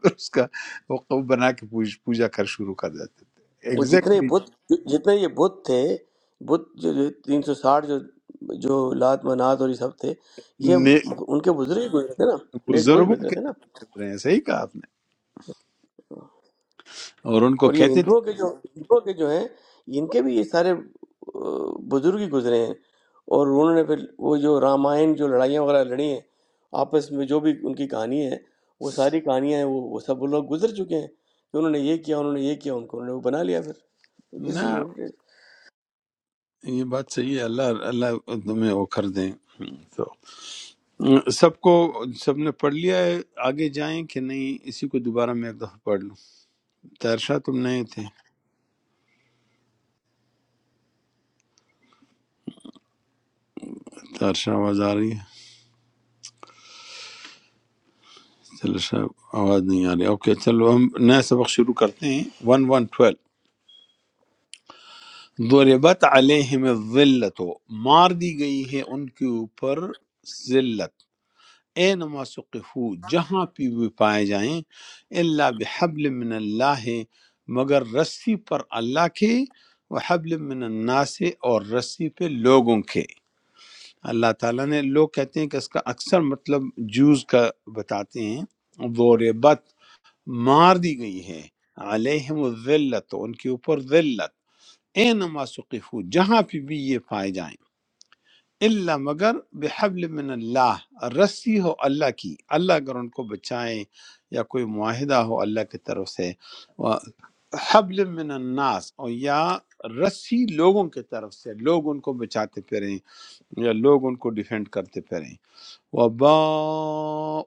Speaker 2: اس کا وہ قوم بنا کے پوج- پوجا کر شروع کر دیتے تھے
Speaker 1: وہ جتنے
Speaker 2: ایگزیکٹلی
Speaker 1: بت جتنے یہ بت تھے بت جو تین سو ساٹھ جو جو لات منات اور یہ سب تھے یہ ان کے بزرگ ہی گزرے تھے نا نیک لوگ ہی
Speaker 2: بزرگوں
Speaker 1: گزرے
Speaker 2: کے
Speaker 1: تھے
Speaker 2: نام
Speaker 1: نا
Speaker 2: سے گزرے ہیں صحیح کہا آپ نے اور ان کو
Speaker 1: اور یہ
Speaker 2: کہتے تھے
Speaker 1: ہندوؤں کے جو ہندوؤں کے جو ہیں ان کے بھی یہ سارے آہ، بزرگ ہی گزرے ہیں اور انہوں نے پھر وہ جو رامائن جو لڑائیاں وغیرہ لڑی ہیں آپس میں جو بھی ان کی کہانی ہے وہ ساری کہانیاں ہیں وہ, وہ سب وہ لوگ گزر چکے ہیں کہ انہوں نے یہ کیا انہوں نے یہ کیا ان کو انہوں نے وہ بنا لیا پھر دس
Speaker 2: نہ
Speaker 1: از واٹ اٹ
Speaker 2: یہ بات صحیح ہے اللہ اللہ تمہیں وہ کر دیں تو سب کو سب نے پڑھ لیا ہے آگے جائیں کہ نہیں اسی کو دوبارہ میں ایک دفعہ پڑھ لوں تیرشاہ تم نئے تھے تیرشاہ آواز آ رہی ہے چلو شاہ آواز نہیں آ رہی اوکے چلو ہم نیا سبق شروع کرتے ہیں ون ون ضربت علیہم الذلت مار دی گئی ہے ان کے اوپر ذلت اے نما سقفو جہاں پہ بھی پائے جائیں اللہ بحبل من اللہ مگر رسی پر اللہ کے وحبل من الناس اور رسی پہ لوگوں کے اللہ تعالیٰ نے لوگ کہتے ہیں کہ اس کا اکثر مطلب جوز کا بتاتے ہیں ضربت مار دی گئی ہے علیہم الذلت ان کے اوپر ذلت اے نما سقفو جہاں پہ بھی یہ پائے جائیں اللہ مگر بحبل من اللہ رسی ہو اللہ کی اللہ اگر ان کو بچائیں یا کوئی معاہدہ ہو اللہ کی طرف سے و حبل من الناس اور یا رسی لوگوں کی طرف سے لوگ ان کو بچاتے پھریں یا لوگ ان کو ڈیفینڈ کرتے پھریں وباؤ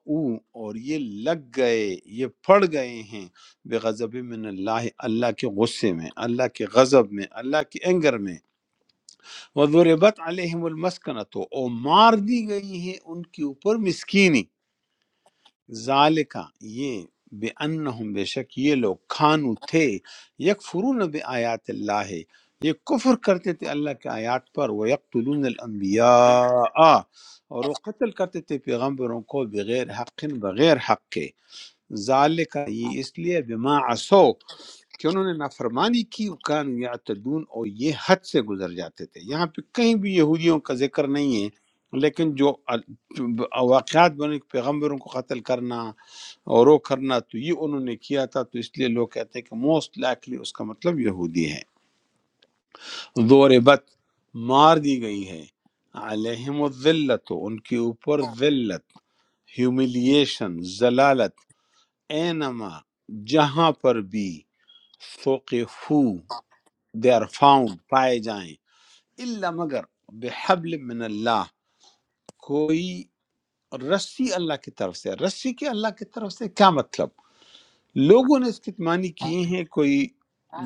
Speaker 2: اور یہ لگ گئے یہ پڑ گئے ہیں بغضب من اللہ اللہ کے غصے میں اللہ کے غضب میں اللہ کے اینگر میں وضربت علیہم المسکنۃ اور مار دی گئی ہے ان کے اوپر مسکینی ذالکا یہ بے انہم بے شک یہ لوگ کھانو تھے یکفرون بے آیات اللہ یہ کفر کرتے تھے اللہ کے آیات پر وہ یقتلون الانبیاء اور وہ قتل کرتے تھے پیغمبروں کو بغیر حق بغیر حق کے ذالکا یہ اس لیے بما عصو کہ انہوں نے نافرمانی کی وکان یعتدون اور یہ حد سے گزر جاتے تھے یہاں پہ کہیں بھی یہودیوں کا ذکر نہیں ہے لیکن جو ال- واقعات بنے پیغمبروں کو قتل کرنا اور وہ کرنا تو یہ انہوں نے کیا تھا تو اس لیے لوگ کہتے ہیں کہ موسٹ لائکلی اس کا مطلب یہودی ہے دور بت مار دی گئی ہے علیہم الذلت ان کے اوپر ذلت ہیوملیشن ذلالت اینما جہاں پر بھی ثقفو، دے آر فاؤنڈ پائے جائیں اللہ مگر بحبل من اللہ کوئی رسی اللہ کی طرف سے رسی کے اللہ کی طرف سے کیا مطلب لوگوں نے اس کے معنی کیے ہیں کوئی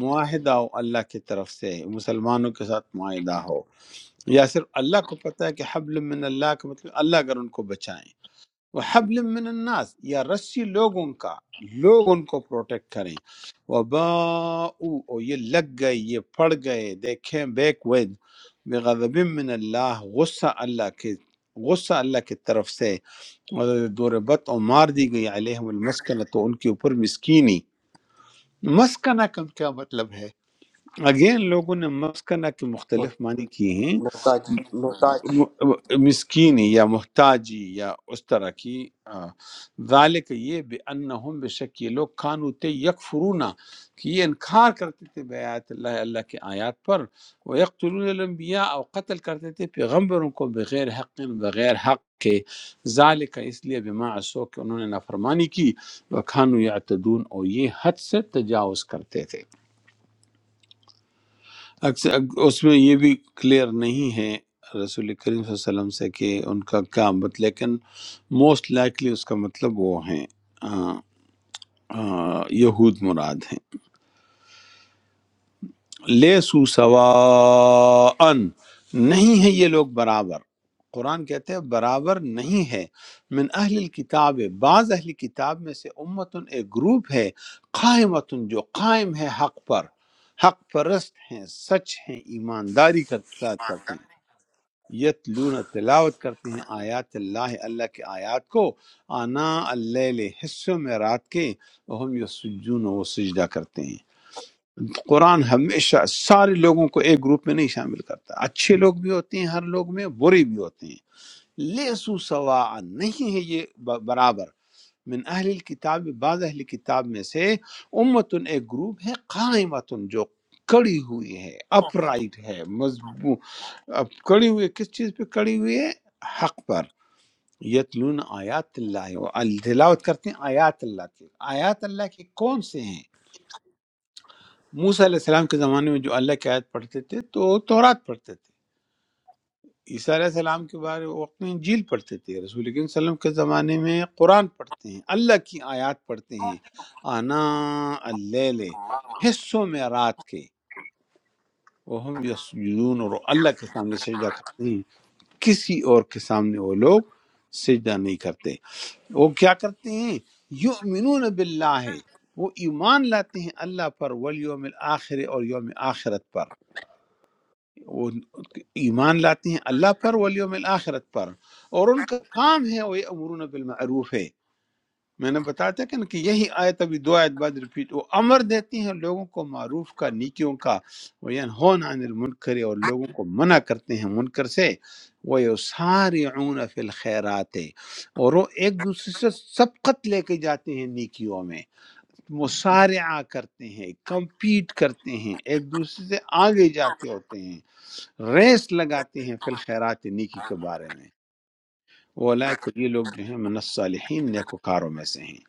Speaker 2: معاہدہ ہو اللہ کی طرف سے مسلمانوں کے ساتھ معاہدہ ہو یا صرف اللہ کو پتہ ہے کہ حبل من اللہ کا مطلب اللہ اگر ان کو بچائیں وہ حبل من الناس یا رسی لوگوں کا لوگ ان کو پروٹیکٹ کریں وباؤ اور یہ لگ گئے یہ پڑ گئے دیکھیں بیک ود بغضب من اللہ غصہ اللہ کے غصہ اللہ کی طرف سے دوربت اور مار دی گئی علیہم المسکنہ تو ان کے اوپر مسکینی مسکنہ کا کیا مطلب ہے اگین لوگوں نے مسکنہ کے
Speaker 1: از،
Speaker 2: مختلف معنی کیے ہیں
Speaker 1: محتاج محتاج
Speaker 2: مسکینی یا محتاجی یا اس طرح کی آ، ذالک یہ بے انہم بے شک یہ لوگ کانو تے یکفرونا کہ یہ انکار کرتے تھے بے آیات اللہ اللہ کے آیات پر وہ یقتلون الانبیاء اور قتل کرتے تھے پیغمبروں کو بغیر حق بغیر حق کے ذالک اس لیے بما عصو کہ انہوں نے نافرمانی کی وہ کھانو یعتدون اور یہ حد سے تجاوز کرتے تھے اکثر اس میں یہ بھی کلیئر نہیں ہے رسول کریم صلی اللہ علیہ وسلم سے کہ ان کا کیا مت لیکن موسٹ لائکلی اس کا مطلب وہ ہیں آ، آ، یہود مراد ہیں لے سو سواً نہیں ہے یہ لوگ برابر قرآن کہتے ہیں برابر نہیں ہے من اہل کتاب بعض اہل کتاب میں سے امتن ایک گروپ ہے قائمتن جو قائم ہے حق پر حق پرست ہیں سچ ہیں ایمانداری کے ساتھ کرتے ہیں یتلون تلاوت کرتے ہیں آیات اللہ اللہ کے آیات کو آنا اللیل حصوں میں رات کے ہم یسجون وہ سجدہ کرتے ہیں قرآن ہمیشہ سارے لوگوں کو ایک گروپ میں نہیں شامل کرتا اچھے لوگ بھی ہوتے ہیں ہر لوگ میں برے بھی ہوتے ہیں لیسو سوا نہیں ہے یہ ب- برابر من اہل الکتاب بعض اہل کتاب میں سے امتن ایک گروپ ہے قائمتن جو کڑی ہوئی ہے اپ رائٹ ہے مضبوط اب کڑی ہوئی ہے کس چیز پہ کڑی ہوئی ہے حق پر یتلون آیات اللہ و- ال- تلاوت کرتے ہیں آیات اللہ کی آیات اللہ کے کون سے ہیں موسیٰ علیہ السلام کے زمانے میں جو اللہ کی آیت پڑھتے تھے تو تورات پڑھتے تھے عیسیٰ علیہ السلام کے بارے وہ وقت میں انجیل پڑھتے تھے رسول اکرم صلی اللہ علیہ وسلم کے زمانے میں قرآن پڑھتے ہیں اللہ کی آیات پڑھتے ہیں آنا اللیل حصوں میں رات کے وہ ہم یسجدون اور اللہ کے سامنے سجدہ کرتے ہیں کسی اور کے سامنے وہ لوگ سجدہ نہیں کرتے وہ کیا کرتے ہیں یؤمنون باللہ وہ ایمان لاتے ہیں اللہ پر والیوم الآخر اور یوم آخرت پر وہ ایمان لاتے ہیں اللہ پر والیوم الآخرت پر اور ان کا کام ہے وہ امرون بالمعروف ہے میں نے بتایا تھا کہ ان کی یہی آیت ابھی دو آیت بعد ریپیٹ وہ امر دیتی ہیں لوگوں کو معروف کا نیکیوں کا وہ ینہون عن المنکر اور لوگوں کو منع کرتے ہیں منکر سے وہ یسارعون فی الخیرات اور وہ ایک دوسرے سے سبقت لے کے جاتے ہیں نیکیوں میں مسارعہ کرتے ہیں کمپیٹ کرتے ہیں ایک دوسرے سے آگے جاتے ہوتے ہیں ریس لگاتے ہیں فی الخیرات نیکی کے بارے میں وہ کو یہ لوگ جو ہیں من الصالحین نیکوکاروں میں سے ہیں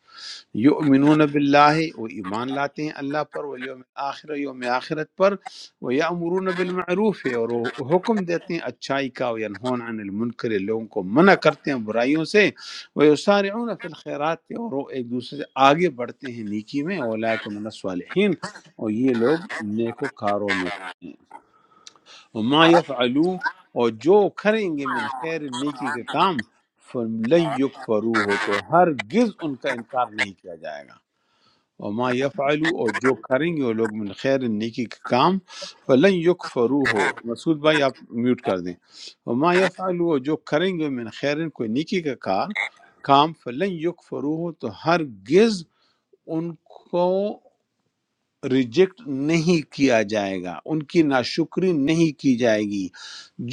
Speaker 2: یؤمنون باللہ وہ ایمان لاتے ہیں اللہ پر وہ یوم آخر یوم آخرت پر وہ یامرون بالمعروف ہے اور وہ حکم دیتے ہیں اچھائی کا وہ ینہون عن المنکر لوگوں کو منع کرتے ہیں برائیوں سے وہ یسارعون فی الخیرات اور وہ ایک دوسرے سے آگے بڑھتے ہیں نیکی میں اولئک من الصالحین اور یہ لوگ نیکوکاروں میں ہیں وما یفعلوا اور جو کریں گے من خیر نیکی کے کام فَلَن يُكْفَرُوهُ تو ہرگز ان کا انکار نہیں کیا جائے گا وما یفعلوا اور جو کریں گے وہ لوگ من خیر نیکی کا کام فلن یکفرو ہو مسعود بھائی آپ میوٹ کر دیں وما یفعلوا اور جو کریں گے من خیر کوئی نیکی کا کار کام فلن یکفرو ہو تو ہرگز ان کو ریجیکٹ نہیں کیا جائے گا ان کی ناشکری نہیں کی جائے گی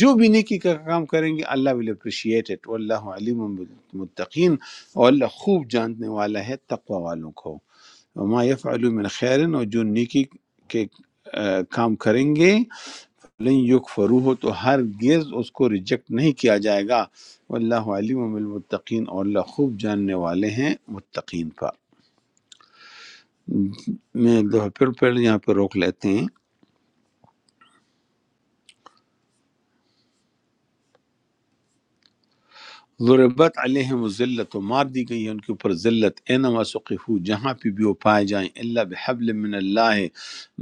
Speaker 2: جو بھی نیکی کا کام کریں گے اللہ ول اپریشیٹ اٹ واللہ علیم بالمتقین اور اللہ خوب جاننے والا ہے تقوی والوں کو وما یفعلوا من خیرن اور جو نیکی کے آ، کام کریں گے لن یک فروح تو ہرگز اس کو ریجیکٹ نہیں کیا جائے گا واللہ علیم بالمتقین اور اللہ خوب جاننے والے ہیں متقین پر میں ایک دفعہ پھر پھر یہاں پہ روک لیتے ہیں ضربت علیہم ذلت و مار دی گئی ہے ان کے اوپر ذلت اینما سقفو جہاں پہ بھی وہ پائے جائیں اللہ بحبل من اللہ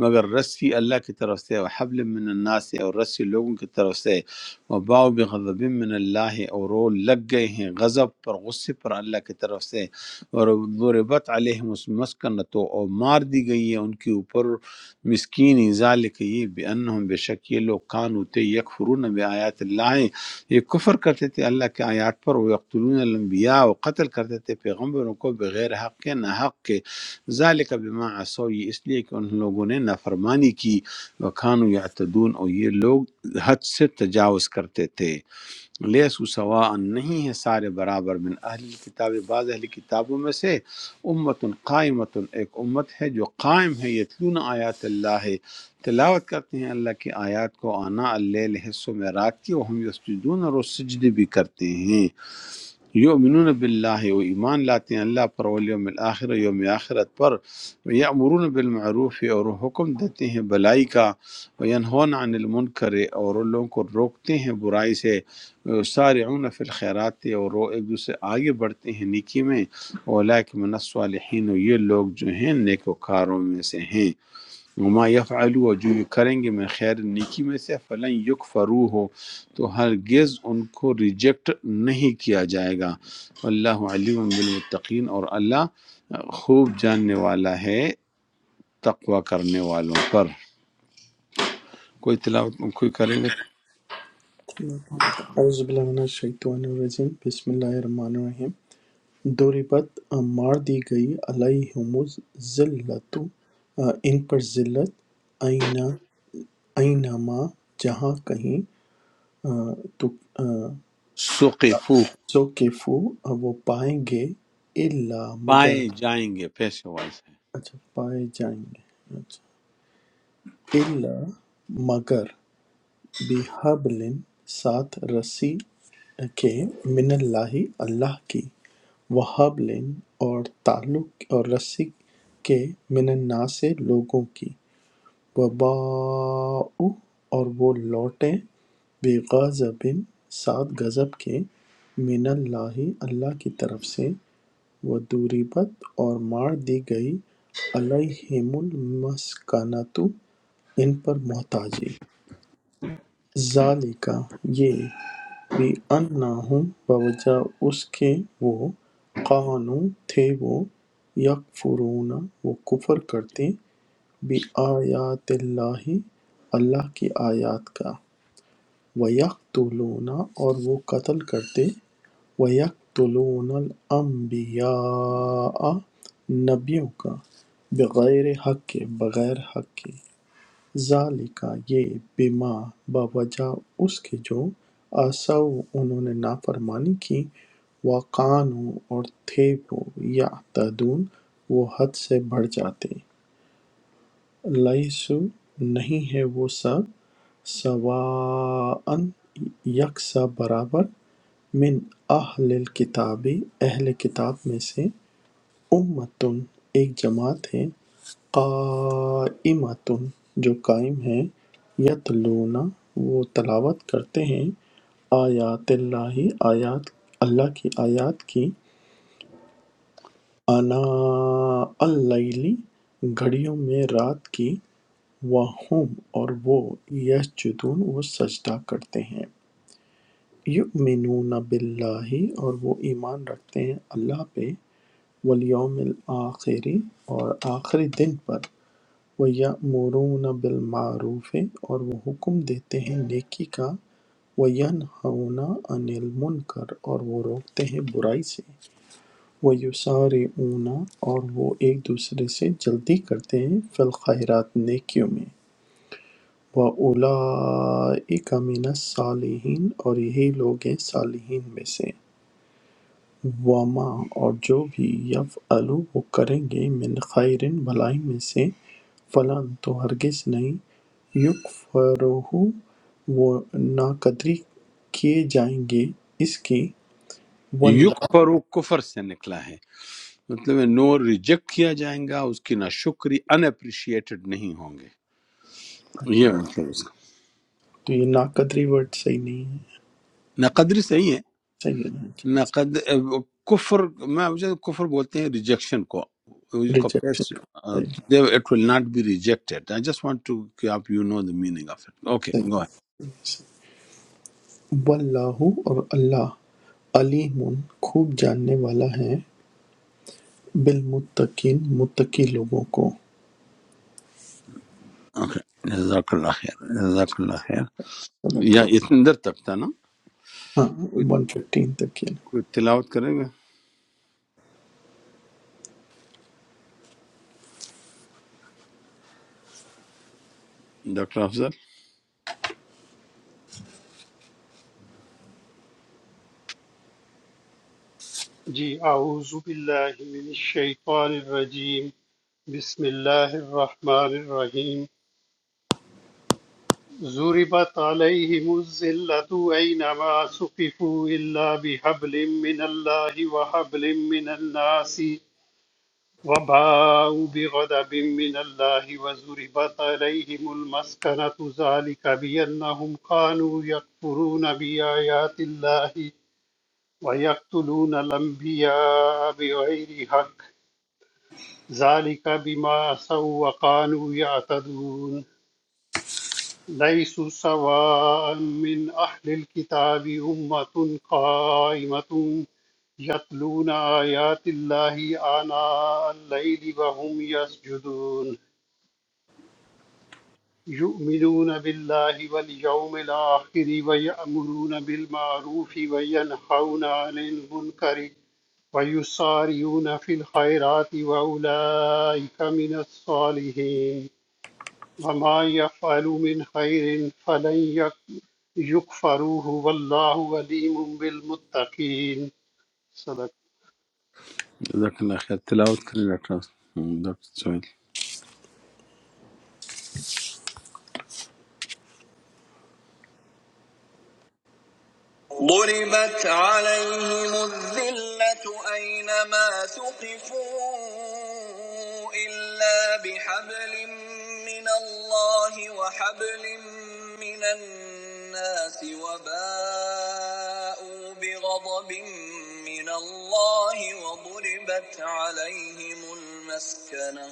Speaker 2: مگر رسی اللہ کی طرف سے اور حبل من الناس سے اور رسی لوگوں کی طرف سے وہ باؤ بغضب من اللہ اور وہ لگ گئے ہیں غضب پر غصے پر اللہ کی طرف سے اور ضربت علیہم اس مسکنت اور مار دی گئی ہے ان کے اوپر مسکین ذالک یہ بے انہم بے شک یہ لوگ کانوتے یکفرون بے آیات اللہ یہ کفر کرتے تھے اللہ کے آیات پر وہ یقتلون الانبیاء وہ قتل کرتے تھے پیغمبروں کو بغیر حق کے نہ حق کے ذالک بما عصوا یہ اس لیے کہ ان لوگوں نے نافرمانی کی وکانو یعتدون اور یہ لوگ حد سے تجاوز کرتے تھے لیسو سواء نہیں ہے سارے برابر من اہل کتاب بعض اہل کتابوں میں سے امت قائمت ایک امت ہے جو قائم ہے یتلون آیات اللہ تلاوت کرتے ہیں اللہ کی آیات کو آنا اللیل حصوں میں رات کی وہ ہم یسجدون اور وہ سجدے بھی کرتے ہیں یؤمنون باللہ و ایمان لاتے ہیں اللہ پر والیوم الآخر و یوم آخرت پر یامرون بالمعروف اور وہ حکم دیتے ہیں بلائی کا وینہون عن المنکر اور ان لوگوں کو روکتے ہیں برائی سے سارعون فی الخیرات اور وہ ایک دوسرے آگے بڑھتے ہیں نیکی میں اولئک من الصالحین اور یہ لوگ جو ہیں نیکوکاروں میں سے ہیں وما یفعلوا اور جو یہ کریں گے من خیر نیکی میں سے فلن یکفروا ہو تو ہرگز ان کو ریجیکٹ نہیں کیا جائے گا اللہ علیم بالمتقین اور اللہ خوب جاننے والا ہے تقوی کرنے والوں پر کوئی تلاوت کوئی کرے گا
Speaker 3: اعوذ باللہ من الشیطان الرجیم بسم اللہ الرحمن الرحیم دوریبت مار دی گئی علیہم ذلت ان پر ذلت آئینہ آئینما جہاں کہیں آ، تو آ،
Speaker 2: سقفو
Speaker 3: زوکفو وہ پائیں گے الا مگر
Speaker 2: پائے جائیں گے پیسے وائز
Speaker 3: اچھا پائے جائیں گے اچھا الا مگر بِحَبْلٍ ساتھ رسی کے من اللہ اللہ کی وَحَبْلٍ اور تعلق اور رسی کے من الناس سے لوگوں کی وَبَاءُوا اور وہ لوٹے بِغَضَبٍ ساتھ غضب کے من اللہ اللہ کی طرف سے وَضُرِبَتْ اور مار دی گئی عَلَيْهِمُ الْمَسْكَنَةُ ان پر محتاجی ذالِکَ یہ بِأَنَّهُمْ بوجہ اس کے وہ كانوا تھے وہ یکفرون وہ کفر کرتے بِآیاتِ اللہ اللہ کی آیات کا وَیَقْتُلُونَ اور وہ قتل کرتے وَیَقْتُلُونَ الْأَنْبِیَاءَ نبیوں کا بغیر حق کے بغیر حق کے ذَلِکَ یہ بِمَا بوجہ اس کے جو عَصَوا انہوں نے نافرمانی کی وَکَانُوا اور تھے وہ یَعْتَدُونَ وہ حد سے بڑھ جاتے لَیسُوا نہیں ہے وہ سب سواءً یکساں برابر من اہل الکتابی اہل کتاب میں سے اُمَّۃٌ ایک جماعت ہے قَائِمَۃٌ جو قائم ہے یَتْلُونَ وہ تلاوت کرتے ہیں آیات اللہ آیات اللہ کی آیات کی آناء اللیل گھڑیوں میں رات کی وَہُمْ اور وہ یسجدون وہ سجدہ کرتے ہیں یؤمنون باللہ اور وہ ایمان رکھتے ہیں اللہ پہ والیوم الآخری اور آخری دن پر وَیَأْمُرُونَ بِالْمَعْرُوفِ اور وہ حکم دیتے ہیں نیکی کا وَینْہَوْنَ عَنِ الْمُنکر اور وہ روکتے ہیں برائی سے وَیُسَارِعُونَ اور وہ ایک دوسرے سے جلدی کرتے ہیں فی الخیرات نیکیوں میں وَأُولَئِکَ مِنَ الصَّالِحِینَ اور یہی لوگ ہیں صالحین میں سے وَمَا اور جو بھی یفعلوا وہ کریں گے من خیر بھلائی میں سے فلن تو ہرگز نہیں یکفرہو وہ ناقدری کیے جائیں گے اس کی
Speaker 2: یک
Speaker 3: واللہ
Speaker 2: فرو کفر سے نکلا ہے مطلب ہے نور ریجیکٹ کیا جائیں گا اس کی نہ شکری ان اپریشیٹڈ نہیں ہوں گے یہ مطلب اس کا
Speaker 3: تو یہ ناقدری ورڈ صحیح نہیں ہے
Speaker 2: نہ قدری صحیح ہے
Speaker 3: صحیح
Speaker 2: نہ
Speaker 3: ہے
Speaker 2: قد کفر میں مجھے کفر بولتے ہیں ریجیکشن کو اس کو پیس
Speaker 3: ریجیکشن صحیح
Speaker 2: it will not be rejected I just want to کہ آپ you know the meaning of it okay
Speaker 3: ہے۔
Speaker 2: Go ahead.
Speaker 3: واللہ اور اللہ علیم خوب جاننے والا ہے بالمتقین متقی لوگوں کو
Speaker 2: اوکے جزاک اللہ خیر جزاک اللہ خیر
Speaker 3: صدق
Speaker 2: یا
Speaker 3: اللہ۔
Speaker 2: اتنے دیر تک تھا نا
Speaker 3: ہاں
Speaker 2: کوئی
Speaker 3: 115 تک کی۔
Speaker 2: کوئی تلاوت کرے گا ڈاکٹر
Speaker 6: جی اعوذ باللہ من الشیطان الرجیم بسم اللہ الرحمن الرحیم ضربت علیہم الذلۃ اینما سقفوا الا بحبل من اللہ وحبل من الناس وباءوا بغضب من الله وضربت عليهم المسكنة ذلك بأنهم كانوا يكفرون بآيات الله ويقتلون الأنبياء بغير حق ذلك بما عصوا وكانوا يعتدون ليسوا سواء من أهل الكتاب أمة قائمة يتلون آيات الله آناء الليل وهم يسجدون يؤمنون بالله واليوم الآخر ويأمرون بالمعروف وينهون عن المنكر ويسارعون في الخيرات وأولئك من الصالحين وما يفعلوا من خير فلن يك- يكفروه والله عليم بالمتقين صدق
Speaker 2: جزاک اللہ خیر تلاوت کریں ڈاکٹر ڈاکٹر سہیل
Speaker 3: ضربت عليهم الذلة أينما ثقفوا إلا بحبل من الله وحبل من الناس وباءوا بغضب من الله وضربت عليهم المسكنة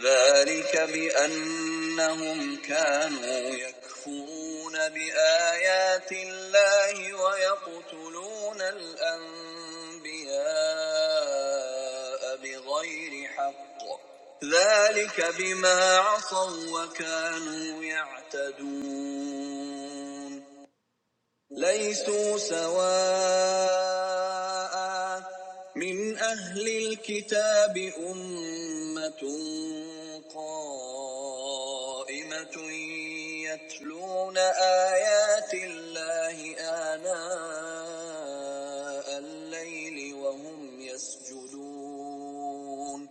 Speaker 3: ذلك بأنهم كانوا يكفرون بآيات الله ويقتلون الأنبياء بغير حق ذلك بما عصوا وكانوا يعتدون ليسوا سواء من أهل الكتاب أمة قائمة يتلون آيات الله آناء الليل وهم يسجدون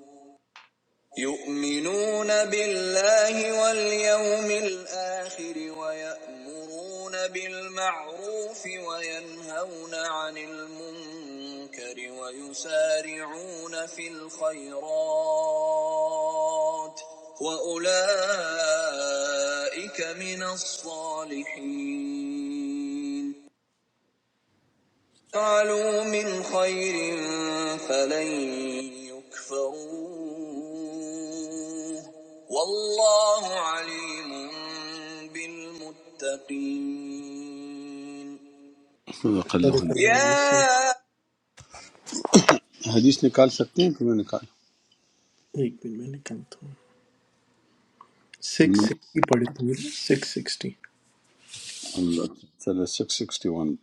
Speaker 3: يؤمنون بالله واليوم الآخر ويأمرون بالمعروف وينهون عن المنكر ويسارعون في الخيرات وأولئك من الصالحين فعلوا من خير فلن یکفروه والله عليم بالمتقين
Speaker 2: صدق اللہ
Speaker 3: صدق اللہ علیہ وسلم
Speaker 2: علیہ
Speaker 3: یا
Speaker 2: حدیث نکال سکتے ہیں کہ میں نکال
Speaker 3: ایک منٹ میں نکالتا ہوں سکس سکسٹی پڑھے تھے میرے سکس سکسٹی
Speaker 2: چلے سکس سکسٹی ون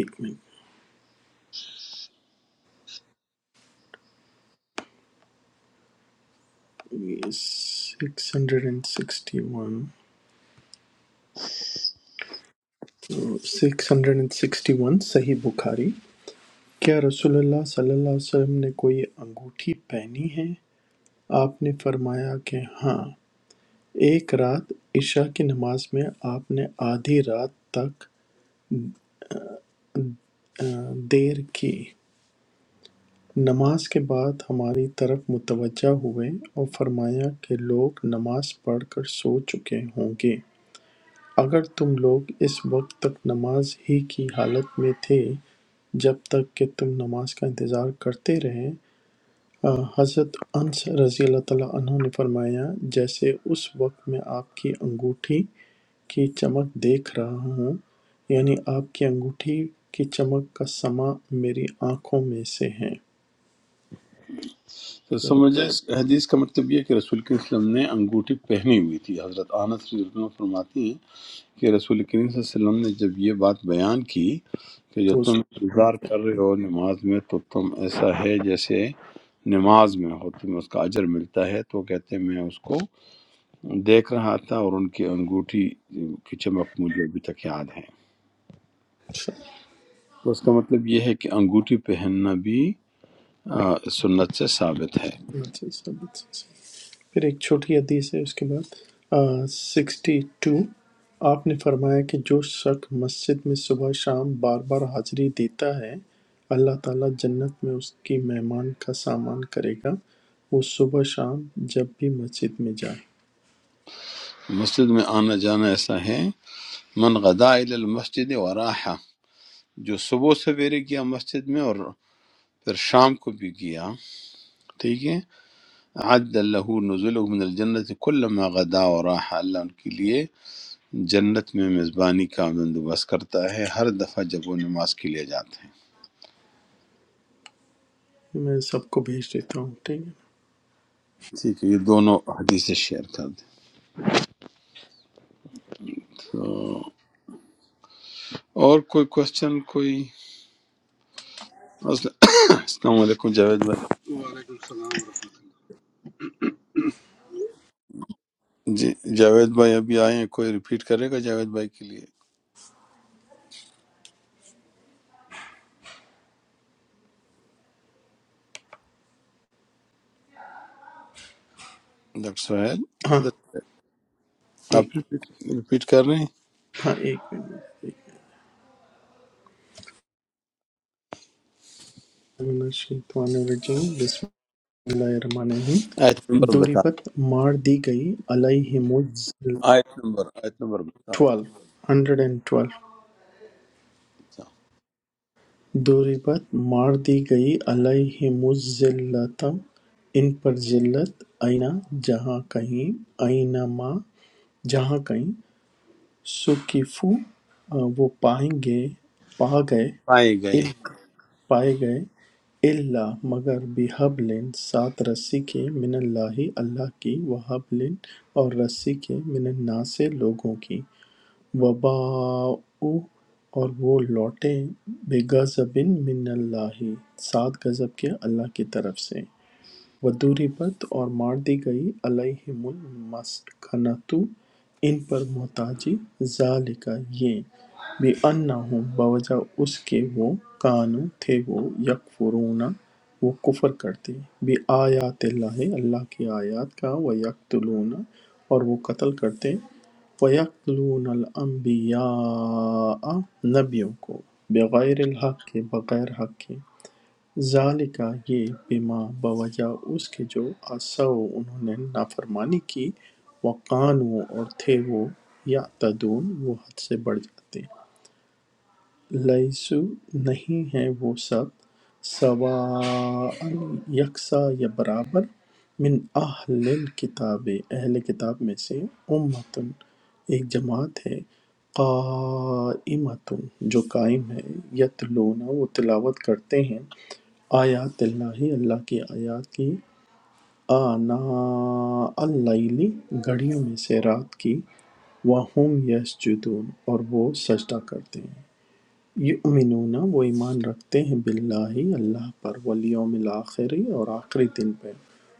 Speaker 3: ایک minute six hundred and sixty one six hundred and sixty one Sahih Bukhari کیا رسول اللہ صلی اللہ علیہ وسلم نے کوئی انگوٹھی پہنی ہے آپ نے فرمایا کہ ہاں ایک رات عشاء کی نماز میں آپ نے آدھی رات تک آ، دیر کی نماز کے بعد ہماری طرف متوجہ ہوئے اور فرمایا کہ لوگ نماز پڑھ کر سو چکے ہوں گے اگر تم لوگ اس وقت تک نماز ہی کی حالت میں تھے جب تک کہ تم نماز کا انتظار کرتے رہے آ، حضرت انس رضی اللہ تعالیٰ عنہ نے فرمایا جیسے اس وقت میں آپ کی انگوٹھی کی چمک دیکھ رہا ہوں یعنی آپ کی انگوٹھی کی چمک کا سما میری آنکھوں میں سے ہے
Speaker 2: تو سمجھے اس حدیث کا مطلب یہ ہے کہ رسول کریم صلی اللہ علیہ وسلم نے انگوٹھی پہنی ہوئی تھی حضرت آنس رضی اللہ عنہ فرماتی ہیں کہ رسول کریم صلی اللہ علیہ وسلم نے جب یہ بات بیان کی کہ جو
Speaker 3: تو-
Speaker 2: تم انتظار کر رہے ہو نماز میں تو تم ایسا ہے جیسے نماز میں ہو تمہیں اس کا اجر ملتا ہے تو کہتے ہیں میں اس کو دیکھ رہا تھا اور ان کی انگوٹھی کی چمک مجھے ابھی تک یاد ہے تو اس کا مطلب یہ ہے کہ انگوٹھی پہننا بھی آ، سنت سے ثابت ہے
Speaker 3: تو اس- پھر ایک چھوٹی حدیث ہے اس کے بعد سکسٹی ٹو آپ نے فرمایا کہ جو شخص مسجد میں صبح شام بار بار حاضری دیتا ہے اللہ تعالیٰ جنت میں اس کی مہمان کا سامان کرے گا وہ صبح شام جب بھی مسجد میں جائے
Speaker 2: مسجد میں آنا جانا ایسا ہے من غدا الی المسجد وراحا جو صبح سویرے گیا مسجد میں اور پھر شام کو بھی گیا ٹھیک ہے عد اللہ نزل من الجنت کلما غدا و راحا اللہ ان کے لیے جنت میں میزبانی کا بندوبست کرتا ہے ہر دفعہ جب وہ نماز کے لیے جاتے ہیں
Speaker 3: میں سب کو بھیج دیتا ہوں ٹھیک ہے
Speaker 2: ٹھیک ہے یہ دونوں حدیثیں شیئر کر دیں تو اور کوئی کوشچن کوئی مسئلہ السلام علیکم جاوید بھائی
Speaker 7: Assalamualaikum warahmatullahi
Speaker 2: جی جاوید بھائی ابھی آئے ہیں کوئی ریپیٹ کرے گا جاوید بھائی کے لیے ڈاکٹر سہیل
Speaker 3: ہاں
Speaker 2: کدھر
Speaker 3: ایک
Speaker 2: آپ ریپیٹ ریپیٹ کر رہے ہیں
Speaker 3: ہاں ایک منٹ من الشیطان الرجیم بسم اللہ الرحمن الرحیم
Speaker 2: آیت نمبر بتا
Speaker 3: دوریبت مار دی گئی علیہم
Speaker 2: آیت نمبر آیت نمبر بتا دیں
Speaker 3: ٹویلو ہنڈریڈ اینڈ ٹویلو
Speaker 2: اچھا،
Speaker 3: دوریبت مار دی گئی علیہمالذلت ان پر ذلت ایناں جہاں کہیں اینما جہاں کہیں ثقفوا وہ پائیں گے پا گئے
Speaker 2: آئے گئے
Speaker 3: الا پائے گئے الا مگر بحبل سات رسی کے من اللہ اللہ کی وحبل اور رسی کے من الناس لوگوں کی وباءُ اور وہ لوٹیں بے غضبٍ من اللہ سات غضب کے اللہ کی طرف سے وَضُرِبَتْ اور مار دی گئی عَلَیْہِمُ الْمَسْکَنَةُ ان پر محتاجی ذَلِکَ یہ بِأَنَّهُمْ بوجہ اس کے وہ کانوا تھے وہ یکفرون وہ کفر کرتے بِآیات اللہ اللہ کی آیات کا وَیَقْتُلُونَ اور وہ قتل کرتے وَيَقْتُلُونَ الْأَنْبِيَاءَ نبیوں کو بغیر الحق کے بغیر حق کے ذَلِکَ یہ بِمَا بوجہ اس کے جو عَصَوا انہوں نے نافرمانی کی وَکَانُوا اور تھے وہ یعتدون وہ حد سے بڑھ جاتے لیسو نہیں ہیں وہ سب سواء یکساں یا برابر من اہل الکتاب اہل کتاب میں سے امتن ایک جماعت ہے قائمتن جو قائم ہے یتلون وہ تلاوت کرتے ہیں آیات اللہ اللہ کی آیات کی آنا اللیلی گھڑیوں میں سے رات کی وہم یسجدون اور وہ سجدہ کرتے ہیں یؤمنون وہ ایمان رکھتے ہیں باللہ اللہ پر والیوم الآخر اور آخری دن پہ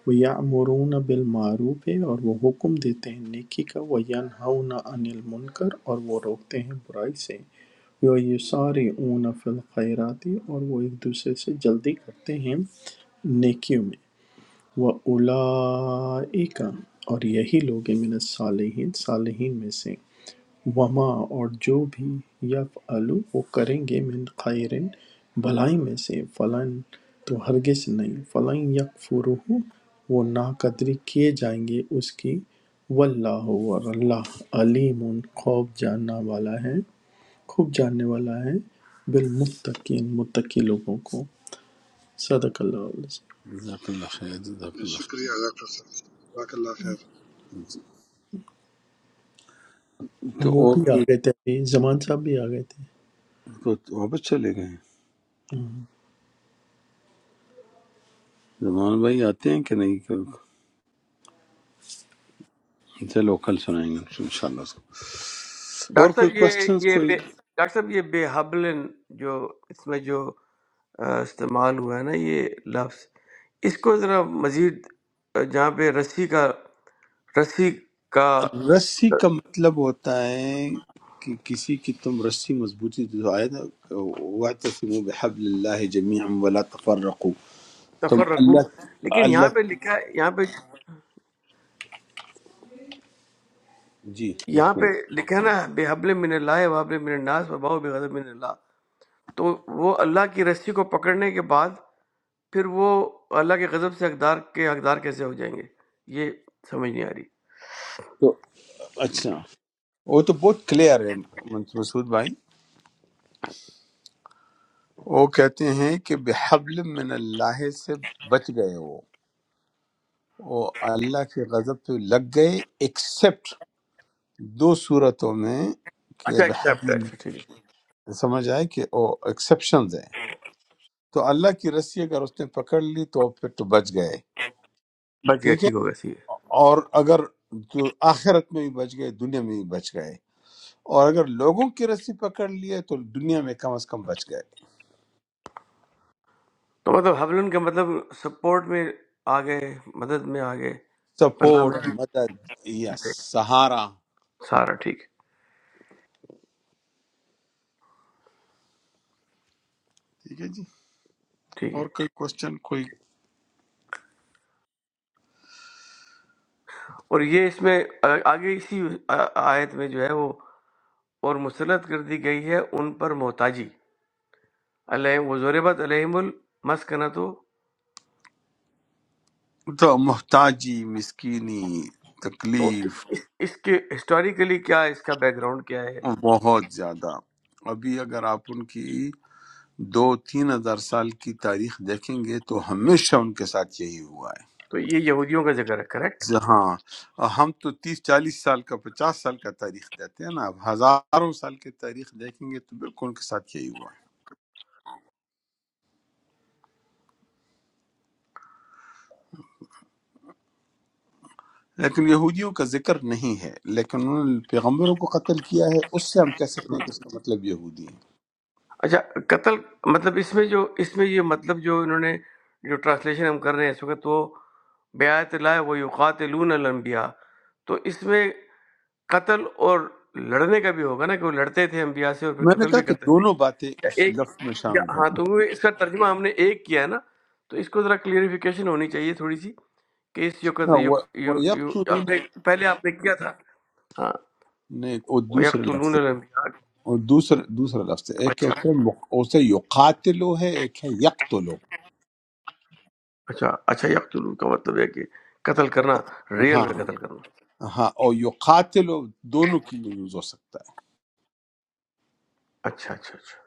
Speaker 3: ویعمرون بالمعروف اور وہ حکم دیتے ہیں نیکی کا وینہون عن المنکر اور وہ روکتے ہیں برائی سے ویسارعون فی الخیرات اور وہ ایک دوسرے سے جلدی کرتے ہیں نیکیوں میں وَأُولَئِکَ اور یہی لوگ ہیں من الصالحین صالحین میں سے وَمَا اور جو بھی یفعلوا وہ کریں گے من خیر بھلائی میں سے فلن تو ہرگز نہیں فلن یکفرہ وہ ناقدری کیے جائیں گے اس کی واللہ اور اللہ علیم خوب جاننا والا ہے خوب جاننے والا ہے بالمتقین متقی لوگوں کو صدق اللہ علیہ وسلم۔
Speaker 2: جزاک اللہ خیر جزاک اللہ خیر
Speaker 7: wabarakatuh. Wa alaikum salam.
Speaker 2: تو
Speaker 3: وہ
Speaker 2: اور
Speaker 3: بھی آ
Speaker 2: کوئی
Speaker 3: گئے تھے ابھی، زمان صاحب بھی آ گئے تھے
Speaker 2: تو تو واپس چلے گئے زمان بھائی آتے ہیں کہ نہیں چلو کل سنائیں گے ان شاء اللہ اور
Speaker 1: ڈاکٹر
Speaker 2: کوئی
Speaker 1: صاحب یہ
Speaker 2: کوشچنس
Speaker 1: یہ بے
Speaker 2: کوئی
Speaker 1: ڈاکٹر صاحب یہ بے حبلن جو اس میں جو آ، استعمال ہوا ہے نا یہ لفظ اس کو ذرا مزید آ، جہاں پہ رسی کا رسی کا
Speaker 2: رسی
Speaker 1: ت-
Speaker 2: کا مطلب ہوتا ہے کہ کسی کی تم رسی مضبوطی جو آئے نا وَاعْتَصِمُوا بِحَبْلِ اللَّهِ جَمِيعًا وَلَا تَفَرَّقُوا تم
Speaker 1: تفرقو
Speaker 2: اللہ
Speaker 1: لیکن یہاں
Speaker 2: اللہ
Speaker 1: پہ لکھا ہے یہاں پہ
Speaker 2: جی
Speaker 1: یہاں
Speaker 2: بسم
Speaker 1: پہ
Speaker 2: اللہ
Speaker 1: لکھا ہے نا بے حبل من اللہ و حبل من الناس و باؤ بے غضب من اللہ تو وہ اللہ کی رسی کو پکڑنے کے بعد پھر وہ اللہ کے غضب سے حقدار کے حقدار کیسے ہو جائیں گے یہ سمجھ نہیں آ رہی
Speaker 2: تو اچھا وہ تو بہت کلیئر ہے مسعود بھائی وہ کہتے ہیں کہ بحبل من اللہ سے بچ گئے وہ وہ اللہ کے غضب پہ لگ گئے ایکسپٹ دو صورتوں میں کہ
Speaker 1: اچھا ایکسیپٹ
Speaker 2: بحبل
Speaker 1: اچھا
Speaker 2: من-
Speaker 1: ٹھیک ہے
Speaker 2: سمجھ آئے کہ وہ ایکسیپشنز ہیں تو اللہ کی رسی اگر اس نے پکڑ لی تو پھر تو بچ گئے
Speaker 1: بچ گیا
Speaker 2: ٹھیک ہے
Speaker 1: ٹھیک ہو گیا صحیح ہے
Speaker 2: اور اگر جو آخرت میں بھی بچ گئے دنیا میں بھی بچ گئے اور اگر لوگوں کی رسی پکڑ لی ہے تو دنیا میں کم از کم بچ گئے
Speaker 1: تو مطلب حبلن کا مطلب سپورٹ میں آ گئے مدد میں آ گئے پناہ میں
Speaker 2: سپورٹ
Speaker 1: آگئے،
Speaker 2: مدد یا سہارا
Speaker 1: سارا ٹھیک ہے
Speaker 2: ٹھیک ہے جی
Speaker 1: ٹھیک ہے
Speaker 2: اور کوئی کوشچن کوئی
Speaker 1: اور یہ اس میں آ- آگے اسی آ- آیت میں جو ہے وہ اور مسلط کر دی گئی ہے ان پر محتاجی علیہ وزوربت علیہم المسکنہ تو
Speaker 2: تو محتاجی مسکینی
Speaker 1: تو اس,
Speaker 2: تکلیف
Speaker 1: اس, اس کے ہسٹوریکلی کیا ہے، اس کا بیک گراؤنڈ کیا ہے
Speaker 2: بہت زیادہ ابھی اگر آپ ان کی دو تین ہزار سال کی تاریخ دیکھیں گے تو ہمیشہ ان کے ساتھ یہی ہوا ہے
Speaker 1: تو یہ یہودیوں کا ذکر ہے کریکٹ
Speaker 2: ز- ہاں اور ہم تو تیس چالیس سال کا پچاس سال کا تاریخ دیتے ہیں نا اب ہزاروں سال کی تاریخ دیکھیں گے تو بالکل ان کے ساتھ یہی ہوا ہے لیکن یہودیوں کا ذکر نہیں ہے لیکن انہوں نے پیغمبروں کو قتل کیا ہے اس سے ہم کہہ سکتے ہیں کہ اس کا مطلب یہودی ہے
Speaker 1: اچھا قتل مطلب اس میں جو اس میں یہ مطلب جو انہوں نے جو ٹرانسلیشن ہم کر رہے ہیں اس وقت وہ بیعت اللہ و یقاتلون الانبیاء تو اس میں قتل اور لڑنے کا بھی ہوگا نا کہ وہ لڑتے تھے انبیاء سے اور پھر
Speaker 2: میں نے
Speaker 1: قتل
Speaker 2: کہا
Speaker 1: بھی
Speaker 2: کہ
Speaker 1: کرتے تھے
Speaker 2: دونوں باتیں
Speaker 1: یا
Speaker 2: اس
Speaker 1: ایک
Speaker 2: لفظ میں
Speaker 1: یا
Speaker 2: شامل ہیں
Speaker 1: ہاں تو وہ اس کا ترجمہ ہم نے ایک کیا ہے نا تو اس کو ذرا کلیئرفیکیشن ہونی چاہیے تھوڑی سی کہ اس جو
Speaker 2: نا
Speaker 1: قتل یو
Speaker 2: وہ
Speaker 1: یو یو-
Speaker 2: یقتلون
Speaker 1: آپ نے پہلے آپ نے کیا تھا ہاں
Speaker 2: نہیں وہ
Speaker 1: و
Speaker 2: دوسرے لفظ
Speaker 1: یقتلون
Speaker 2: ہے
Speaker 1: الانبیاء
Speaker 2: اور دوسرا دوسرا لفظ ہے ایک کیا
Speaker 1: اچھا
Speaker 2: ہوتا ہے مق- اسے یقاتلو ہے ایک ہے یقتلو
Speaker 1: اچھا اچھا یقتلو کا مطلب ہے کہ قتل کرنا ریئل
Speaker 2: ہاں
Speaker 1: میں قتل کرنا
Speaker 2: ہاں اور یقاتلو دونوں کے لیے یوز ہو سکتا ہے
Speaker 1: اچھا اچھا اچھا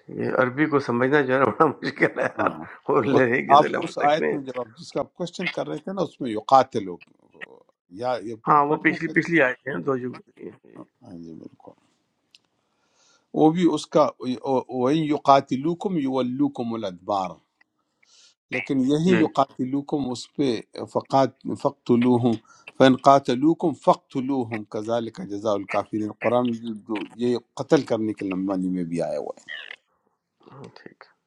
Speaker 1: ٹھیک ہے عربی کو سمجھنا جو ہے نا بڑا مشکل ہے یار
Speaker 2: ہاں
Speaker 1: وہ
Speaker 2: اس
Speaker 1: لہجے
Speaker 2: آپ
Speaker 1: سے لفظ
Speaker 2: اس
Speaker 1: تک
Speaker 2: آیت
Speaker 1: میں
Speaker 2: میں جب آپ جس کا آپ کوشچن کر رہے تھے نا اس میں یقاتل ہو یا یہ
Speaker 1: ہاں وہ
Speaker 2: پڑھ لوں
Speaker 1: پچھلی
Speaker 2: آیت؟
Speaker 1: پچھلی آئے ہیں دو جو گزری ہیں۔
Speaker 2: ہاں جی بالکل وہ بھی اس کا وَإِن يُقَاتِلُوكُمْ يُوَلُّوكُمُ الْأَدْبَارَ لیکن یہی
Speaker 1: جی
Speaker 2: یقاتلوکم اس پہ فقات فقتلوہم فَإِن قَاتَلُوكُمْ فَقْتُلُوهُمْ كَذَلِكَ جَزَاءُ الْكَافِرِينَ قرآن میں جو یہ قتل کرنے کے معنی میں بھی آیا ہوا ہے
Speaker 1: ہاں، ٹھیک ہے۔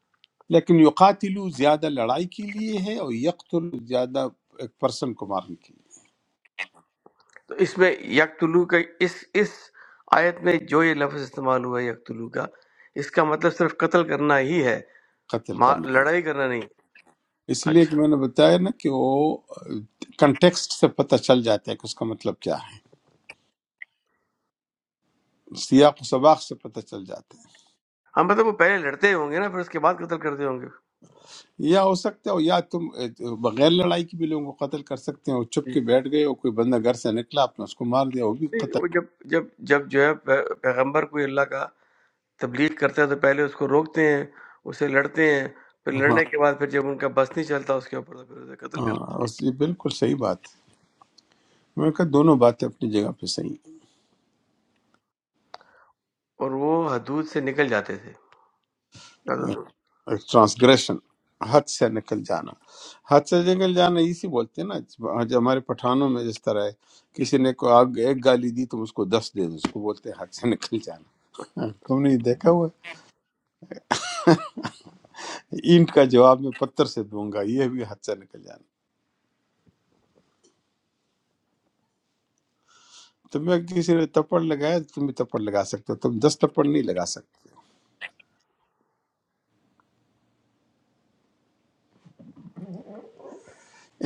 Speaker 2: لیکن یقاتلو زیادہ لڑائی کے لیے ہے اور یقتل زیادہ ایک پرسن کو مارنے کے لیے
Speaker 1: تو اس میں یکتلو کا اس اس آیت میں جو یہ لفظ استعمال ہوا ہے یکتلو کا اس کا مطلب صرف قتل کرنا ہی ہے
Speaker 2: قتل
Speaker 1: ما-
Speaker 2: کرنا ہے
Speaker 1: لڑائی کرنا نہیں
Speaker 2: اس لیے کہ
Speaker 1: اچھا
Speaker 2: میں نے بتایا نا کہ وہ کنٹیکسٹ سے پتہ چل جاتا ہے کہ اس کا مطلب کیا ہے سیاق و سباق سے پتہ چل جاتا ہے
Speaker 1: ہاں مطلب وہ پہلے لڑتے ہوں گے نا پھر اس کے بعد قتل کرتے ہوں گے
Speaker 2: یا ہو سکتا ہے یا تم بغیر لڑائی کے بھی لوگوں کو قتل کر سکتے ہیں وہ چپ کے بیٹھ گئے اور کوئی بندہ گھر سے نکلا آپ نے اس کو مار دیا وہ بھی
Speaker 1: نہیں،
Speaker 2: قتل
Speaker 1: وہ جب جب جب جو ہے پی- پیغمبر کو اللہ کا تبلیغ کرتے ہیں تو پہلے اس کو روکتے ہیں اس سے لڑتے ہیں پھر
Speaker 2: ہاں
Speaker 1: لڑنے کے بعد پھر جب ان کا بس نہیں چلتا اس کے اوپر تو پھر اسے قتل کر
Speaker 2: ہاں اس- یہ بالکل صحیح بات ہے میں نے کہا دونوں باتیں اپنی جگہ پہ صحیح ہیں
Speaker 1: اور وہ حدود سے نکل جاتے تھے زیادہ دور
Speaker 2: ٹرانسگریشن حد سے نکل جانا حد سے نکل جانا اسی بولتے ہیں نا آج ہمارے پٹھانوں میں جس طرح ہے کسی نے کو آگ ایک گالی دی تم اس کو دس دے دو اس کو بولتے ہیں حد سے نکل جانا تم نے یہ دیکھا ہوا ہے؟ اینٹ کا جواب میں پتھر سے دوں گا یہ بھی حد سے نکل جانا تمہیں کسی نے تپڑ لگایا تو تم بھی تپڑ لگا سکتے ہو تم دس تپڑ نہیں لگا سکتے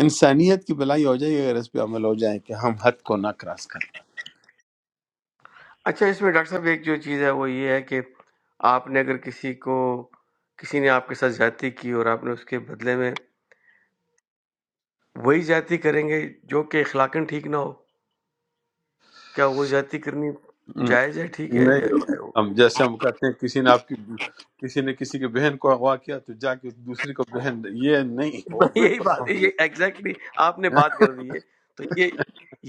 Speaker 2: انسانیت کی بلائی ہو جائے گی اگر اس پہ عمل ہو جائے کہ ہم حد کو نہ کراس کریں
Speaker 1: اچھا اس میں ڈاکٹر صاحب ایک جو چیز ہے وہ یہ ہے کہ آپ نے اگر کسی کو کسی نے آپ کے ساتھ زیادتی کی اور آپ نے اس کے بدلے میں وہی زیادتی کریں گے جو کہ اخلاقاً ٹھیک نہ ہو کیا وہ زیادتی کرنی جائز ہے ٹھیک ہے
Speaker 2: نہیں
Speaker 1: یا کیا ہے وہ
Speaker 2: ہم جیسے ہم کہتے ہیں کسی نے آپ کی کسی نے کسی کی بہن کو اغوا کیا تو جا کے دوسری کو بہن یہ نہیں وہ
Speaker 1: یہی
Speaker 2: بالکل
Speaker 1: بات
Speaker 2: حرام
Speaker 1: یہ ایگزیکٹلی آپ نے
Speaker 2: ہے۔
Speaker 1: بات کر دی ہے تو یہ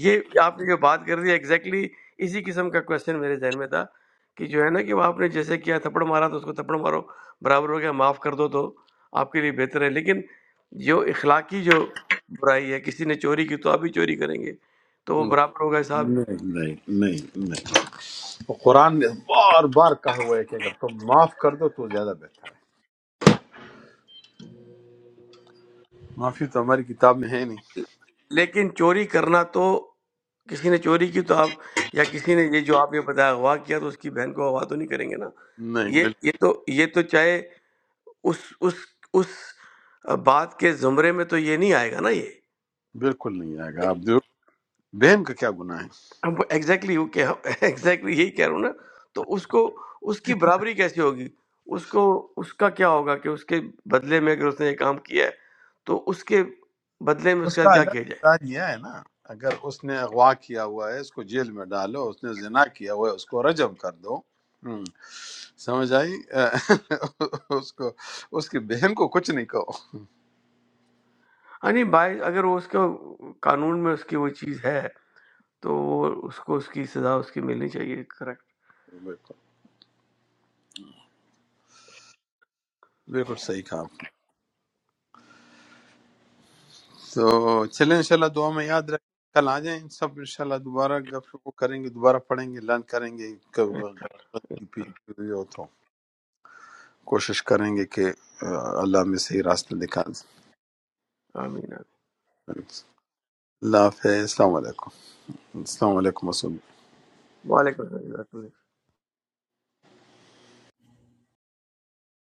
Speaker 1: یہ آپ نے جو بات کر دی ایگزیکٹلی اسی قسم کا کوشچن میرے ذہن میں تھا کہ جو ہے نا کہ وہ آپ نے جیسے کیا تھپڑ مارا تو اس کو تھپڑ مارو برابر ہو گیا معاف کر دو تو آپ کے لیے بہتر ہے لیکن جو اخلاقی جو برائی ہے کسی نے چوری کی تو آپ بھی چوری کریں گے تو وہ برابر ہوگا صاحب
Speaker 2: نہیں نہیں نہیں نہیں قرآن نے بار بار کہا ہوا ہے کہ اگر تم معاف کر دو تو زیادہ بہتر ہے معافی تو ہماری کتاب میں ہے نہیں
Speaker 1: لیکن چوری کرنا تو کسی نے چوری کی تو آپ یا کسی نے یہ جو آپ نے بتایا اغوا کیا تو اس کی بہن کو اغوا تو نہیں کریں گے نا
Speaker 2: نہیں
Speaker 1: یہ
Speaker 2: بال-
Speaker 1: یہ تو یہ تو چاہے اس اس اس بات کے زمرے میں تو یہ نہیں آئے گا نا یہ
Speaker 2: بالکل نہیں آئے گا آپ ضرور- بہن کا کیا گناہ ہے
Speaker 1: ایگزیکٹلی وہ کیا ایگزیکٹلی یہی کہہ رہا ہوں نا تو اس کو اس کی برابری کیسے ہوگی اس کو اس کا کیا ہوگا کہ اس کے بدلے میں اگر اس نے یہ کام کیا ہے تو اس کے بدلے میں اس
Speaker 2: اس
Speaker 1: کے ساتھ
Speaker 2: کا
Speaker 1: کیا
Speaker 2: اللہ
Speaker 1: کیا جائے
Speaker 2: نے سزا دیا ہے نا اگر اس نے اغوا کیا ہوا ہے اس کو جیل میں ڈالو اس نے زنا کیا ہوا ہے اس کو رجم کر دو ہم، سمجھ آئی اس کو اس کی بہن کو کچھ نہیں کہو
Speaker 1: ہاں نہیں بائی اگر وہ اس کا قانون میں اس کی وہ چیز ہے تو وہ اس کو اس کی سزا اس کی ملنی چاہیے کریکٹ
Speaker 2: بالکل بالکل صحیح کہا آپ نے۔ تو چلیں انشاءاللہ دعا میں یاد رکھ کل آ جائیں سب انشاءاللہ دوبارہ گفتگو کریں گے دوبارہ پڑھیں گے لرن کریں گے کب غلطی پیچھے ہوئی ہو تو کوشش کریں گے کہ آ، اللہ میں صحیح راستہ دکھا دیں۔
Speaker 1: آمین آمین۔
Speaker 2: اللہ حافظ السلام علیکم السلام علیکم مسعود۔
Speaker 1: وعلیکم السلام